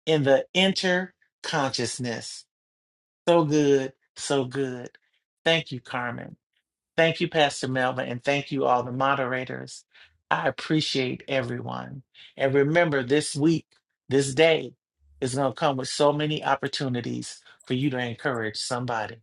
in the inner consciousness. So good, so good. Thank you, Carmen. Thank you, Pastor Melvin, and thank you, all the moderators. I appreciate everyone. And remember, this week, this day is going to come with so many opportunities for you to encourage somebody.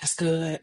That's good.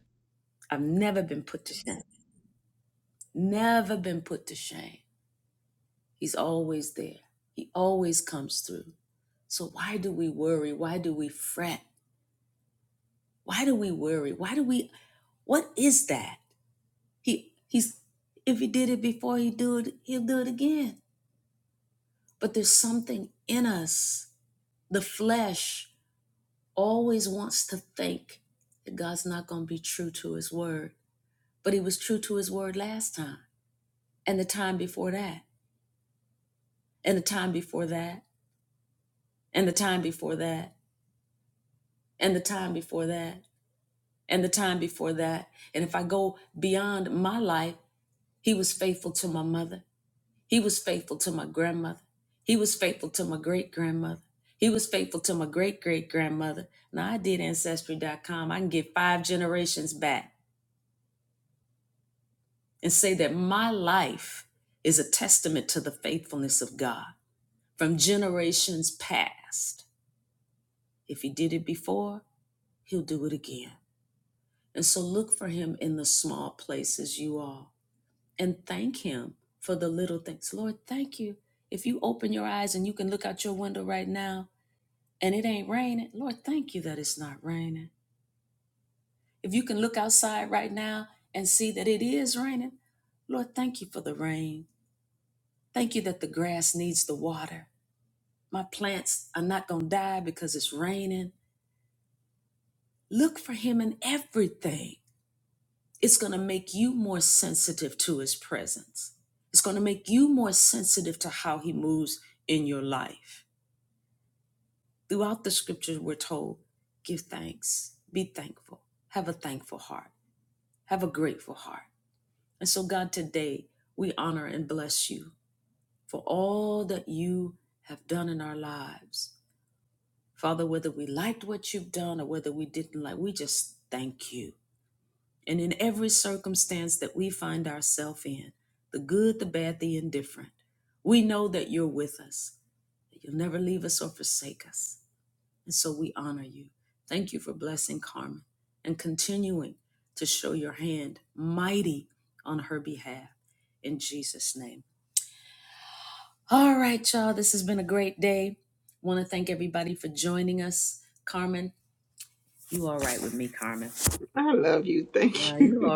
I love you. Thank you.